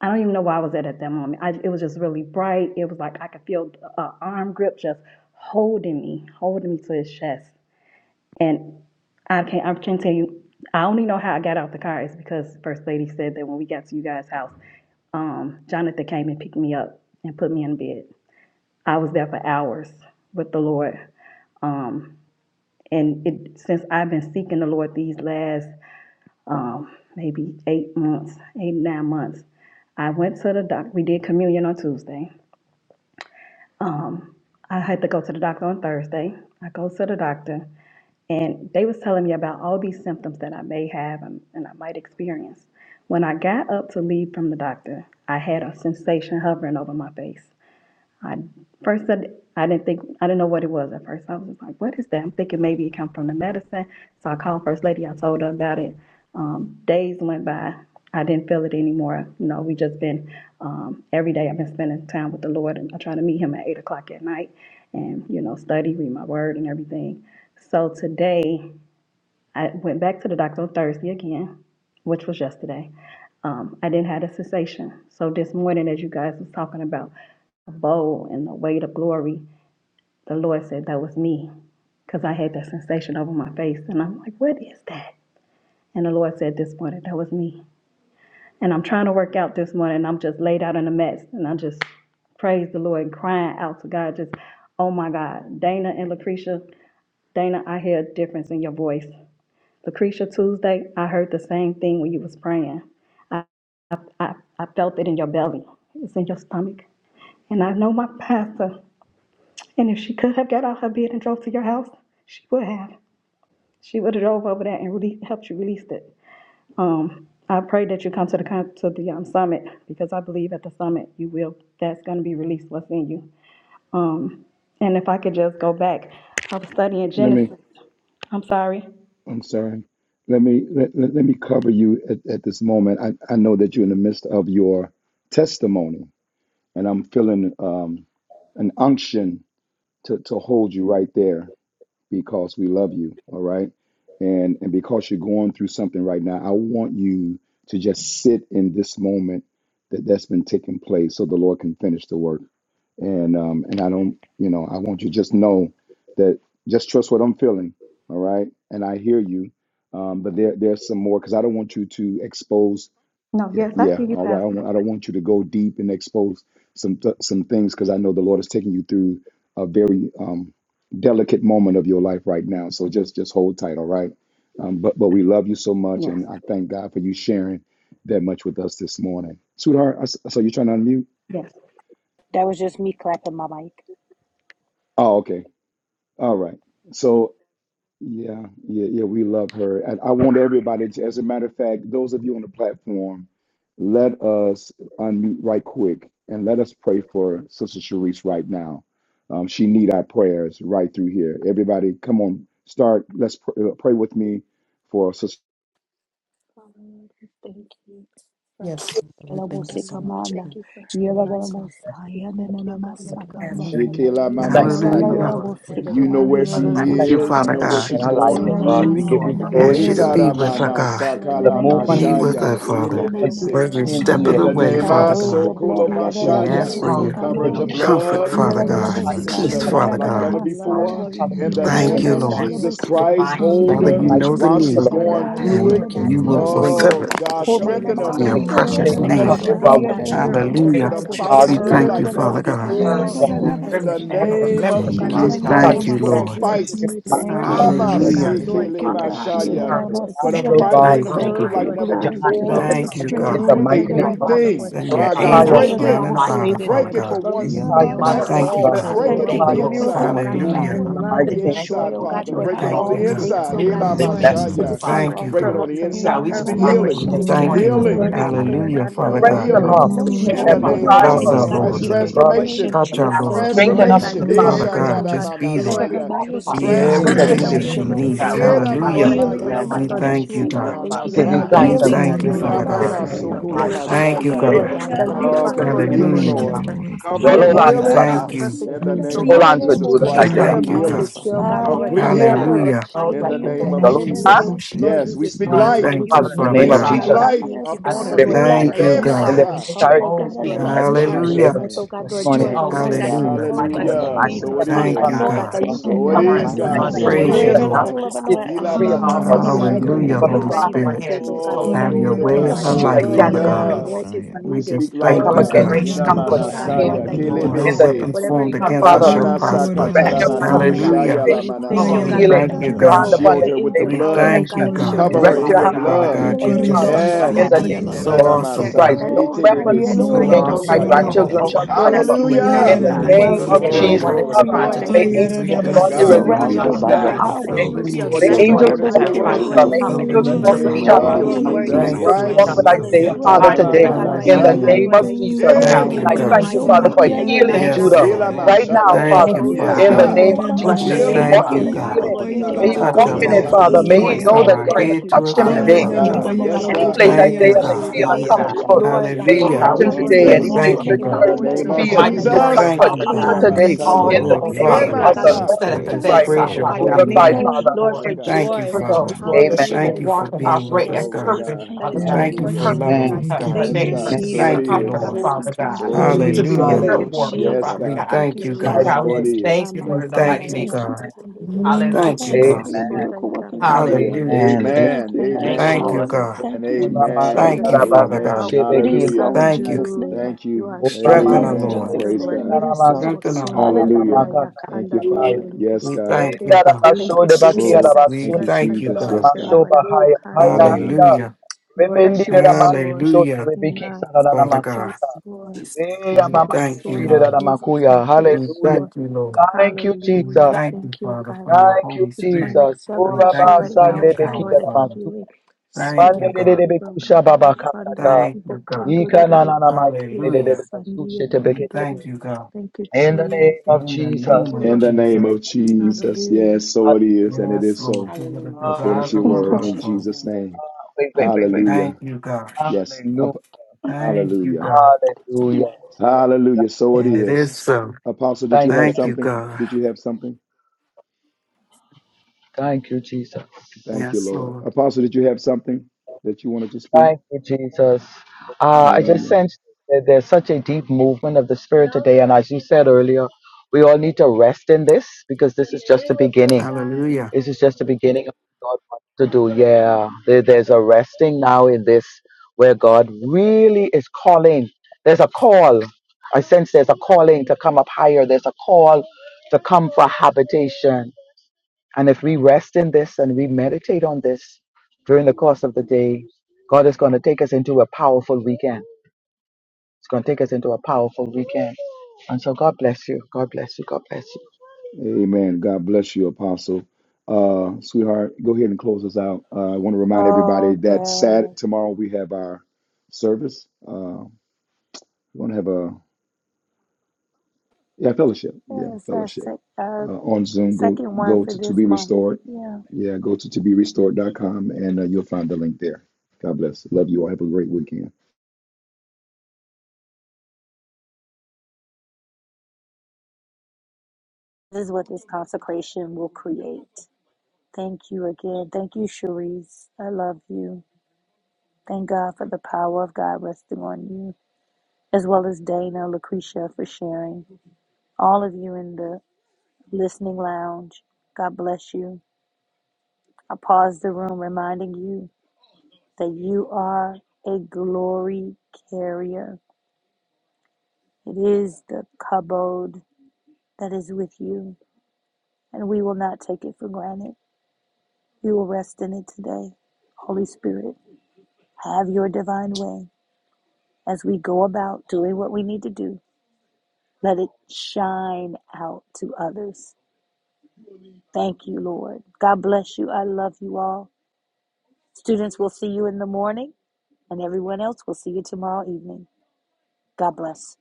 M: I don't even know where I was at at that moment. I, it was just really bright. It was like I could feel an arm grip just holding me, holding me to his chest. And I can't. I can't tell you. I only know how I got out the car is because First Lady said that when we got to you guys' house, um, Jonathan came and picked me up and put me in bed. I was there for hours with the Lord. And it, since I've been seeking the Lord these last um, maybe eight months, eight, nine months. I went to the doctor. We did communion on Tuesday. I had to go to the doctor on Thursday. I go to the doctor, and they was telling me about all these symptoms that I may have and, and I might experience. When I got up to leave from the doctor, I had a sensation hovering over my face. I first I, I didn't think I didn't know what it was at first. I was just like, "What is that?" I'm thinking maybe it come from the medicine. So I called First Lady. I told her about it. Um, days went by. I didn't feel it anymore. You know, we just been um, every day. I've been spending time with the Lord, and I try to meet Him at eight o'clock at night, and you know, study, read my Word, and everything. So today. I went back to the doctor on Thursday again, which was yesterday. Um, I didn't have a cessation. So this morning, as you guys was talking about the bowl and the weight of glory, the Lord said that was me because I had that sensation over my face. And I'm like, what is that? And the Lord said this morning, that was me. And I'm trying to work out this morning. And I'm just laid out in a mess. And I just praise the Lord and crying out to God, just, oh my God, Dana and Lucretia, Dana, I hear a difference in your voice. Lucretia, Tuesday, I heard the same thing when you was praying. I, I, I felt it in your belly. It's in your stomach. And I know my pastor. And if she could have got out her bed and drove to your house, she would have. She would have drove over there and really helped you release it. Um, I pray that you come to the con- to the um, summit because I believe at the summit you will. That's going to be released what's in you. Um, and if I could just go back, I was studying
G: Let me,
M: Genesis. I'm sorry.
G: I'm sorry. Let me, let, let, let me cover you at, at this moment. I, I know that you're in the midst of your testimony and I'm feeling, um, an unction to, to hold you right there. because we love you. All right. And and because you're going through something right now, I want you to just sit in this moment that that's been taking place so the Lord can finish the work. And um and I don't, you know, I want you to just know that just trust what I'm feeling. All right. And I hear you. Um, but there there's some more because I don't want you to expose
M: No,
G: yeah,
M: yes, I
G: yeah.
M: hear you,
G: All right. I don't
M: Pastor.
G: want, I don't want you to go deep and expose some th- some things because I know the Lord is taking you through a very um, delicate moment of your life right now. So just just hold tight. All right. Um, but but we love you so much, and
M: Yes,
G: I thank God for you sharing that much with us this morning, sweetheart. I s so you're trying to unmute?
M: yes.
C: That was just me clapping my mic.
G: Oh, okay. All right. So Yeah, yeah, yeah. We love her. And I want everybody to, as a matter of fact, those of you on the platform, let us unmute right quick and let us pray for Sister Sharice right now. Um, she need our prayers right through here. Everybody, come on, start. Let's pr- uh, pray with me for Sister.
N: Yes, Lord, we thank you so much for
C: Yalabusikamanda,
N: sharing this, Father.
C: yalabusaya,
N: And God, I know
C: nananamasakanda,
D: Pastor.
N: you
G: Shekela
N: are able, you're
O: Oh,
I: Hallelujah.
G: Manasaya.
N: more
O: no,
N: than able,
G: You know
C: yalalabusikamanda,
N: God,
G: where
P: Holy
G: she
N: to
I: Thank you,
P: God.
G: is. You
C: yalabushanda.
I: Father
G: know
N: touch
G: what
I: God.
G: she's
N: Shirley's
G: going
N: job,
G: through.
N: God.
C: Oyalabasada
I: We
P: Hallelujah.
I: ask you to
P: Yes,
N: In the
I: be
G: Etara
N: name
P: Lord.
N: of
I: with
C: diarabosha.
I: her, God.
N: Jesus,
C: In the
G: Manasakala
C: name of
I: Be
P: Yes,
I: with
N: God,
I: her,
G: Mashaya.
N: I
C: Jesus,
P: Lord.
N: just
I: Father.
N: thank
C: Sikoma
N: you so
G: Ilebese.
N: much
I: Every
C: Messiah.
N: for
I: step of
G: In
I: the
G: the
C: we
N: Shirley's
I: way,
G: name
P: Hallelujah.
C: cover
I: Father
N: God.
G: of
C: her
F: I
C: in
I: God.
C: your
N: And
C: blood.
G: Sokolo
N: I thank
I: We
N: you,
G: Mashaya,
I: ask
P: Yes,
I: for
N: God,
I: your
P: Lord.
G: covering the
C: Yadadadadabosekamaya,
N: God,
O: your
N: for a
P: Keep
I: comfort,
G: blood,
O: words.
I: Father
O: and
P: working
N: turnaround
P: in
N: in
I: God.
N: the
P: our
N: name
P: life,
N: of
G: strengthen
I: Peace,
G: her,
N: Jesus.
C: Yadadadabosaya,
P: Lord.
G: God,
I: Father
G: like
I: God.
G: never
O: Um,
C: Dadadamasa,
G: before.
P: Touching
G: In
P: our
G: the
O: and the
P: Lord
I: Thank
G: name
I: you,
G: of
O: and
I: Lord.
P: Jesus.
G: Jesus
C: Ikonadadadabosha.
G: Christ,
O: divine
C: In the
G: hold
I: Father,
O: healing,
C: name
G: her
I: you
C: of
O: upon us,
I: know
P: Hallelujah.
I: the
G: while
C: Jesus,
G: she's
I: need
O: Father
G: going
C: Ikandaya,
O: God.
G: through
I: and
G: it.
P: Thank you,
O: You're
I: you
O: gonna
I: will
P: Lord.
C: Yadadadabosiyamanda,
I: fulfill
O: heal,
G: Oh,
I: it
O: Father
G: God,
O: God.
G: strengthen
O: you're
G: her,
I: in
O: gonna
I: your
C: Komamamandi,
G: Lord.
P: Oh,
M: What?
O: move,
I: precious
G: Don't
F: thank
G: let
F: you
O: Father
G: her
I: name.
F: right
C: Yadadadabosha,
G: give
P: hallelujah.
F: now
O: God.
G: up.
F: for
P: You know
O: You're gonna
P: what to
G: Lord,
P: do,
G: put
I: Hallelujah.
G: a
C: Yadadadadabosa,
O: raise
F: the
O: up,
F: truth
G: fight
P: Lord.
G: in
I: We
F: from
O: Father
E: Thank
G: her
F: giving
O: God.
I: thank
F: me,
I: you,
G: like
O: You
G: never
I: Father
F: Father God.
I: God.
C: Yadadadabosaya,
O: deserve
G: before.
P: Yes,
I: We,
O: a
F: Lord, I
P: Lord.
G: In the
F: thank
O: remnant
F: you
C: Dadadabasa,
O: and a
F: right now for
P: We
G: name of
F: covering.
O: remembrance,
P: thank
F: me.
P: you,
I: we
O: Father
G: Jesus
F: Lord, In
O: God.
F: the
P: thank you,
I: thank
G: Christ,
I: you,
F: name of
G: put
C: Ikanananamasa.
G: a
I: Lord.
P: thank you.
F: Jesus.
G: fight.
C: Thank you,
O: and who
C: Lord
O: be there to
I: Hallelujah.
C: Jesus.
O: her,
P: Hallelujah.
C: Thank
G: Amasekele
C: you,
O: Father
C: God.
O: God, to
G: mashaya.
O: her
G: Put a
O: family,
C: Yadadabasiyada.
O: to
G: fight
O: her
G: in
I: Thank
F: Thank
I: you,
F: you.
C: Thank
O: girl,
C: you
G: her
I: God.
C: for
G: like
C: your
O: Father
G: never
O: God.
C: glory. Thank you
O: Lord,
G: before.
O: we
C: for your
I: Thank
O: just thank
I: you,
O: you
C: strength.
I: God.
G: Do a
O: for
G: new
O: all the good
C: Ikadadadabasa.
G: thing.
I: Send
O: one,
I: your
G: My
O: Father
G: God,
O: God,
I: angels
G: break
O: and her
I: round
G: it.
I: and
O: life,
I: about her,
C: Yaladadadaboshanda.
I: Father
O: Father
G: Break
O: God,
G: it for
I: God.
G: once
P: Thank you,
I: We
G: and
O: mother,
G: for
I: thank
O: Father
F: Declare
I: you,
F: the
G: all.
I: God.
F: cloud
C: Yamanasikuma.
O: God.
P: Jesus.
F: that
O: We
G: Break
F: work
G: it
C: Thank you
G: on
O: Thank
C: for
F: the
O: you,
G: the
C: your
F: Lord.
O: Lord, for
C: miracle
O: her
G: inside.
C: working
O: family,
I: Hallelujah.
C: power.
O: Father
G: Break it
O: God.
G: on
P: Hallelujah.
G: the
O: Thank you,
C: Thank
G: inside,
C: you
O: Lord,
F: Thank
C: that
G: Father.
C: your
F: you,
I: We
F: right
G: Break it
O: for
C: power
F: now,
O: her
G: on
C: is
I: thank you,
F: Lord.
G: the
C: resting
I: God.
O: obedience
G: inside.
O: and
C: upon
O: for
P: Yada,
F: That
C: her
F: the
G: Ela
C: now
P: yada,
C: in
F: sons
O: commitment
P: da,
O: to
P: da,
I: We
F: of
O: you,
C: Jesus'
P: da,
G: mashaya.
C: name.
I: thank
O: Father.
I: you,
P: see.
G: Break it
I: God.
F: Thank
G: on
F: you,
G: the
O: Oh,
F: right
G: inside.
O: God,
F: now.
O: we
G: We
O: just
G: speak
O: honor
P: Oh,
F: for
G: healing.
O: you
F: the
I: We
C: Yananamasa.
O: this
I: thank
F: victory,
P: glory,
F: and
O: morning,
I: you.
F: all
G: Healing.
F: in
O: Father
P: glory,
O: God.
F: all,
P: glory,
I: Hallelujah,
C: Yaladabosikama.
F: for
I: Father
F: the
G: Complete
I: God.
O: We
F: victory,
O: know
F: even in
G: healing
O: that
F: this
O: your
F: time,
P: glory,
F: that
G: in
F: you
O: presence,
C: Yaladaboshanda.
G: the
F: really,
O: Father
G: name
P: glory,
G: of
O: God,
F: that
I: Bless
O: for
G: Jesus
I: our
P: glory,
C: Yaladabosa.
G: Christ.
I: Lord.
O: victory,
F: together,
C: In
F: God.
C: the
P: hallelujah.
C: name
G: Transformation.
C: of
O: for the
I: Touch our
O: battles
C: Jesus,
I: Lord.
O: of the
C: cover
F: We
C: her,
P: Glory,
F: will
O: so
C: God.
G: Transformation.
O: the victory,
I: Father
P: glory,
I: God,
P: glory.
I: just be
C: Cover
I: there.
C: her
G: Ishatadamanasaya.
C: by your
F: Thank
O: Father
I: Be
P: Yeah,
C: spirit.
O: God.
P: yeah,
C: Cover her
P: yeah,
I: everything
C: by
P: da,
I: that
G: Transformation.
P: da,
C: your
I: she
P: da, da,
I: needs.
C: anointing.
O: God, we
P: see,
O: just
P: the,
O: honor
I: Hallelujah.
P: la, da,
O: you
C: Healing
O: in
P: da,
O: the
G: Enamasaya.
F: you for
I: We
O: mighty name
P: saya.
O: of
F: keeping.
I: thank you, God.
O: Jesus,
C: Ananamasiana.
F: Thank
J: We
F: you
O: Father
J: give
F: right
J: you
P: Oh,
F: now
O: God.
F: for
J: thanks
I: We
F: that
G: Ikalamanasaya.
P: go,
J: and
C: Healing
F: sharing.
O: And
I: thank you,
O: we're
P: glory, ah,
O: going
F: And
O: to
F: I
I: Father
P: da,
O: do
F: think
I: God.
O: and
F: I'm
O: then
F: going
C: Ananamasaya.
P: saya,
O: her
P: da, da,
F: to
O: lives,
P: da,
O: Father
P: da,
I: Thank
O: God,
I: you,
O: not
G: Ilamanasokolamashaya.
F: Fill
I: God.
F: our
P: saya.
C: Healing
O: only that,
F: body, Father
O: but
G: Ah,
F: God.
O: sphere
F: We
O: of
F: give
G: complete
F: you
G: healing,
O: influence,
F: the
P: Thank
I: Hallelujah.
P: you,
C: Andialalabosha.
O: Father.
G: Lord.
F: test of
P: Lord. Thank
C: Heal
G: Complete
P: you,
O: Those
I: We
F: So
O: that
G: healing
F: we
I: thank
F: will
O: um,
I: you.
F: still
P: Jesus.
F: be
G: in
C: Ananamasiana.
G: the
F: back.
O: need
G: name
O: to
G: of
F: We're
P: Go,
G: Jesus
P: go,
F: in
I: We
O: hear
G: Christ.
P: glory,
C: Dialalabosana.
F: the
O: her,
P: ah,
I: thank
G: Complete
I: you,
P: da,
I: God.
P: da,
F: process,
G: healing.
F: Father
P: sia.
O: testimony,
G: Complete
O: Father
G: healing
O: God.
I: Hallelujah.
O: Those
C: Ayanalalabosha.
G: in
O: that
G: the
C: Heal
O: can
G: name
O: bear
G: of
C: God
P: Thank
C: in the
O: witness
P: you,
O: to
C: name
G: Jesus.
O: who
C: of
P: Lord.
O: she
P: Thank
G: Yes,
P: you,
G: we
C: Jesus.
G: speak
I: We
P: Jesus.
O: was
G: life.
O: and who
I: thank
O: she
I: you,
O: will
I: Father
O: be,
G: We
C: Heal
I: God.
G: speak
O: Father
C: God.
O: God.
G: life
C: Yes,
O: I
G: upon
O: thank
P: Yes,
C: God.
G: her.
O: you,
C: Your
P: Lord.
I: Thank
O: Lord,
C: life,
I: you,
G: Hey,
C: God.
G: my
P: Yes,
O: that
I: God.
O: we're
P: Lord.
O: making
C: Strength
G: We
C: in
O: old
C: the
G: speak
C: name
O: things
G: life
C: of
G: in
J: praise,
O: new.
J: Isaiah
G: Jesus'
C: Jesus.
I: Hallelujah.
P: Thank
J: before
G: name.
P: you,
J: this
P: Lord,
J: morning.
C: Strength
O: Oh, we
C: in the
O: just thank
P: Jesus.
O: you in the
I: Hallelujah.
O: mighty
P: Mighty
O: name of
P: way,
G: Hallelujah.
C: Namasikomana
G: So it
O: Jesus,
P: Lord.
O: Father
I: Thank you,
G: is.
O: God.
I: God.
C: anointing and
G: So it
C: then I
O: Covering
G: is,
O: the
P: Hallelujah,
C: must
I: We
G: God.
O: blood
C: say
O: of
C: a
G: So it
I: praise you,
O: Jesus,
P: hallelujah,
G: is,
C: greater
I: Lord.
G: Lord.
O: Father
C: level of
O: God.
C: anointing
G: Ila
O: Oh,
G: manana
O: from the.
P: hallelujah,
C: a
G: saya.
C: greater
I: Hallelujah, Holy
P: hallelujah.
C: power,
O: top of our
I: Spirit.
C: Lord
O: head to the soles
G: Oh,
O: of
C: Jesus.
O: our
I: Have
O: feet,
I: your
G: glory
P: Koria
G: to
O: Father,
I: way
C: Your
I: in
G: God.
I: her life,
C: strength.
P: datsiti
I: Father
P: alada
I: God.
O: thank you,
G: Hallelujah.
O: Lord,
C: Ananamasika.
P: datsaya.
I: We
G: We
I: just
G: speak
O: for the
I: thank
G: life,
I: you,
P: O
G: God.
I: God.
P: koria
O: restoration,
G: Ina
O: Father God.
P: datsaya
O: Thank
C: Yedalalaboshaya,
G: manasaya.
O: you,
P: alada
O: Lord.
I: No
G: Kelebese.
P: datsaya.
I: weapons formed
C: lalalabosiyanda.
O: Cover
I: against us
O: me,
I: shall
O: Thank
P: O
O: you for
G: Lamanasa
O: the
I: prosper.
P: koria da
O: protection,
G: kataramanio
O: Father
P: sia.
O: God.
G: shaya
I: Hallelujah.
P: ya
O: Oh,
P: ya datsiya. Yaya
O: Lord,
I: We
C: Oyalalaboshaya,
O: we
G: lamanasaya.
I: thank
P: alada
I: you,
O: thank you,
G: We
I: God.
C: lalalabasanda.
O: Lord.
G: shield
P: datsaya.
G: her with the
I: We
G: blood.
P: O
I: thank you,
G: We
I: God.
P: koria
O: Cover
G: cover
O: you,
G: her in
O: Father
P: datsa.
G: your
O: God,
I: Father
C: Oyalabasiyandi,
G: blood.
P: O
I: God, you're
P: koria
O: for
I: just
O: the people
C: yalalaboshanda.
G: Yes.
O: had
P: datsiti
G: In the
P: alada
I: so awesome,
P: datsaya.
I: God.
G: namasa.
C: Oh
G: Ite
C: God,
G: debe
P: O
I: So
G: siko
P: moria do
O: total
I: awesome.
G: lamashaya.
P: koria
C: yalalalabosa.
O: control
P: da
O: over her
P: saya.
C: thank you,
O: destiny,
P: ya datsaya.
C: Lord
I: We
O: Father
P: ya
G: Hallelujah.
O: God.
I: know
P: alada
I: that you're
C: Jesus.
I: going to
O: That
I: do
G: Oh,
I: it,
P: datsaya.
O: anyone
I: God.
O: that
G: glory
O: is
G: to
C: Ikomaya,
O: trying to
G: God.
O: take
I: We
P: Haya
O: and
I: know you're
P: alada
C: lalamasa.
O: steal
I: going
O: her
I: to
G: Yes,
I: do it,
G: God, we
O: destiny,
P: datsiti
I: Father.
C: Surround
G: believe
C: her
N: Yeah,
O: Father
G: it's
C: by
P: alada
C: your
N: hit
O: God,
N: it,
G: done.
N: hit it, hit
C: power.
O: the
I: Fulfill
P: datsaya.
I: the
G: So it
I: need,
O: investigators,
G: is
I: Lord.
O: lawyers
C: Surround her
G: according
N: Hallelujah.
O: that
G: to
C: with
O: have
G: your
C: your
O: tried
G: word.
O: to
C: angels.
O: come
I: Fulfill the
G: In
O: and
P: Oh,
G: the
I: need, God.
G: name
O: interfere,
C: Surround
P: hallelujah,
C: her
O: Father
G: of
C: with
O: God,
C: your
O: with the
G: Jesus
O: work
I: Thank
P: hallelujah,
C: peace.
O: that you've
I: you,
O: done.
G: Christ.
I: Jesus.
P: hallelujah.
C: Surround
O: by
C: her with
O: in the
C: your
O: name
C: love,
O: of
C: God.
I: Hallelujah.
G: Itadamananasaya.
P: Oh,
O: Jesus. Oh
P: glory,
C: Surround
O: God,
G: Hey,
C: her
I: Thank
O: we
I: you,
C: with
O: just
C: your
G: glory
P: alanana
I: God.
G: to
O: thank you,
G: God
C: joy.
G: in
O: Lord.
G: the
P: siti,
G: name of
O: Thank
P: alanana
O: you,
G: Jesus.
I: Yes, Lord.
O: Lord.
P: saya.
C: Yadadaboshaya.
G: Ilamashaya.
I: Thank
O: Thank
I: you,
O: you,
I: Father
G: Yes,
C: Healing,
P: Ya
O: God.
I: God.
G: God.
P: ya da
N: In the
P: da
C: dadadabasa.
O: Bless
N: name
P: da
N: of
I: We
O: your
N: Jesus,
O: name,
G: Healing
I: thank you,
O: Father
P: siti,
G: God.
C: healing,
P: ya
N: hallelujah,
I: God.
O: God.
C: God,
P: papa
C: in the
P: yoro
C: name of
O: God,
I: Touch
O: we
N: hallelujah,
I: our
P: kokoria
I: Lord
C: Jesus.
O: just
P: da
G: Italamananasaya.
C: Heal,
P: si,
O: rejoice
C: God.
I: from
O: and
G: Glory
I: our
G: to God.
O: praise
I: head to
O: you,
I: our
P: Ya
O: Father,
I: feet,
O: for
P: ya
G: Yes,
O: the
P: da
I: Father
P: da
O: things
P: pa
G: God.
I: God.
O: you
G: Yes,
P: yoro
O: know
C: Ikanadadadaboshaya.
G: God.
O: do
I: Thank
P: kokoria
I: you,
O: to
P: da
I: God.
O: this
G: In the
C: Heal,
O: Father
G: name of
O: God.
C: dadadabasaya.
G: Jesus, in the
O: Oh
I: Hallelujah.
G: name
O: God, we
G: of
C: power and
O: just
I: We
O: thank
G: Jesus,
C: healing.
P: Mm.
O: you.
I: thank you,
O: um,
G: in
I: God.
G: the
O: See
G: name
O: the
G: of
O: mighty
I: We
C: dadadadadaboshaya.
O: warrior,
G: Jesus,
I: thank you,
O: Father
G: in
I: God.
O: God.
G: the
P: Oh,
C: Thank
P: yes,
C: you,
G: Messiah,
O: All of
P: Lord,
I: Lord,
O: those,
P: yes,
O: Father
C: God.
I: Father,
O: God,
P: Lord,
O: that she
P: yes,
G: Emasa,
O: said
I: we
O: at the
P: Lord,
I: just
P: yes,
C: Yadakabasikabana.
O: bedside,
I: praise your
O: Father
P: Lord.
O: God.
I: holy
O: We
G: Kitalamashaya.
I: name.
O: thank you, Lord
C: Yadadadadaboshaya.
G: Glory to God.
I: Thank you,
O: for
P: Thank you,
I: Father.
O: those,
G: Yes,
O: Lord, that
P: Lord.
O: she
G: God.
O: will
I: Thank you for
O: walk and
C: Thank you,
I: being
G: Oh,
I: with
O: operate
I: us,
O: in
C: Jesus.
G: glory to
I: God.
O: purpose,
G: God.
C: Thank
O: Father
C: you,
O: God.
P: Thank
I: Thank
P: you,
I: you
O: The
I: for
G: Hallelujah.
C: Jesus.
O: purpose
P: Lord.
O: that
I: loving
O: you
I: us,
O: have
P: Thank you,
I: God.
C: Thank you,
G: Yes,
O: ordained
C: Jesus.
O: her
G: God.
O: to be a
G: So
P: Jesus.
G: it
I: Thank you,
O: comforter,
G: is.
I: Lord.
C: Thank you,
O: Father God,
C: Jesus.
G: So it
O: to
G: is.
O: be a
G: So
P: Hallelujah.
G: it
I: Hallelujah.
O: prayer
G: is.
C: Thank you,
O: warrior,
C: God.
G: Yes,
O: Father
I: We
G: God.
O: God.
I: thank you,
O: Oh
I: God.
O: God,
C: Thank
G: So
O: we
G: it
C: you,
O: just
C: Jesus.
G: is.
O: thank you,
I: We
O: Lord, in the
I: thank
O: mighty
I: you,
O: name. of
C: Thank you, God.
I: God.
O: Jesus.
E: Thank you,
I: Thank
O: Hallelujah.
I: you,
C: Thank you
I: God.
C: for your miracle working
N: hallelujah.
C: power.
G: Hallelujah.
N: Thank you,
O: Hallelujah.
I: Hallelujah.
J: And eh,
N: Jesus.
C: Thank
G: Amen.
C: you for your
O: Thank you,
G: Amen.
I: Thank you,
C: power, Lord.
I: God.
G: And
C: Thank you, Jesus.
O: Lord.
I: Thank
G: amen.
I: you,
C: Amen.
I: Father God.
G: Amen.
C: It is
G: Hallelujah.
C: so in
I: Thank you.
C: Jesus' name.
G: Thank you.
C: It
I: Strengthen
C: is
I: our
C: in
G: Amen.
I: Lord.
C: Jesus'
G: Praise
C: name.
G: God.
C: It is so.
I: Strengthen our Lord.
G: Hallelujah.
C: Hallelujah.
G: Thank you, Father.
E: Jesus.
G: Yes,
I: We
G: God.
I: thank you, God.
E: Thank you,
G: Oh,
E: Jesus.
I: We
G: thank you,
I: thank you,
G: Jesus. Yes,
I: God.
G: God.
E: Hallelujah.
G: Ah, namas-
I: Hallelujah. Hallelujah, Father God.
E: Jesus.
I: We thank you, Lord. We thank you, Lord. We thank you, Father, for your Holy Spirit. We thank you for your power, Father. Thank you, God. Thank you, God. Hallelujah. We thank you, God. In the name of
G: In the name
I: Jesus.
G: of Jesus. Yes, so it is, and it
I: Yes,
G: is
I: Lord.
G: so,
I: Give us the
N: Hallelujah,
G: according
I: desires
G: to your
I: of
N: hallelujah. In
I: our
G: word,
I: heart,
G: in
N: Jesus'
I: Father.
G: Jesus'
N: name,
G: name.
N: hallelujah.
I: Thank
G: Hallelujah.
I: you, God.
G: Yes. Up,
I: Thank you,
G: hallelujah.
I: God.
G: Hallelujah. So it
I: And it
G: is.
I: is so.
G: Apostle, did you have
I: Thank you,
G: something?
I: God.
G: Did you have something? Thank you,
I: Yes,
G: Lord.
I: Lord.
G: Apostle, did you have something that you wanted to speak? Hallelujah.
I: Hallelujah.
J: I sense there's a calling to come up higher. There's a call to come for habitation. And if we rest in this and we meditate on this, it's going to take us into a powerful weekend. And so bless us.
G: Amen. God bless you, Apostle. Uh, sweetheart, go ahead and close us out. Uh, I want to remind everybody
C: Oh,
G: that
C: God.
G: Sat tomorrow we have our service. Uh, we're gonna have a yeah fellowship, yeah
C: Yes, our,
G: fellowship
C: sec- our
G: uh, on Zoom. Go
C: second one
G: go
C: for
G: to to
C: this
G: be
C: month.
G: restored.
C: Yeah.
G: Yeah, go to to be restored dot com, and uh, you'll find the link there. God bless. Love you all. Have a great weekend.
C: This is what this consecration will create. Thank you again. Thank you, Cherise. I love you. Thank God for the power of God resting on you, as well as Dana, Lucretia for sharing. All of you in the Listening Lounge, God bless you. I pause the room reminding you that you are a glory carrier. It is the kabod that is with you, and we will not take it for granted. We will rest in it today. Holy Spirit, have your divine way as we go about doing what we need to do. Let it shine out to others. Thank you, Lord. God bless you. I love you all. Students, we'll see you in the morning. And everyone else, we'll see you tomorrow evening. God bless.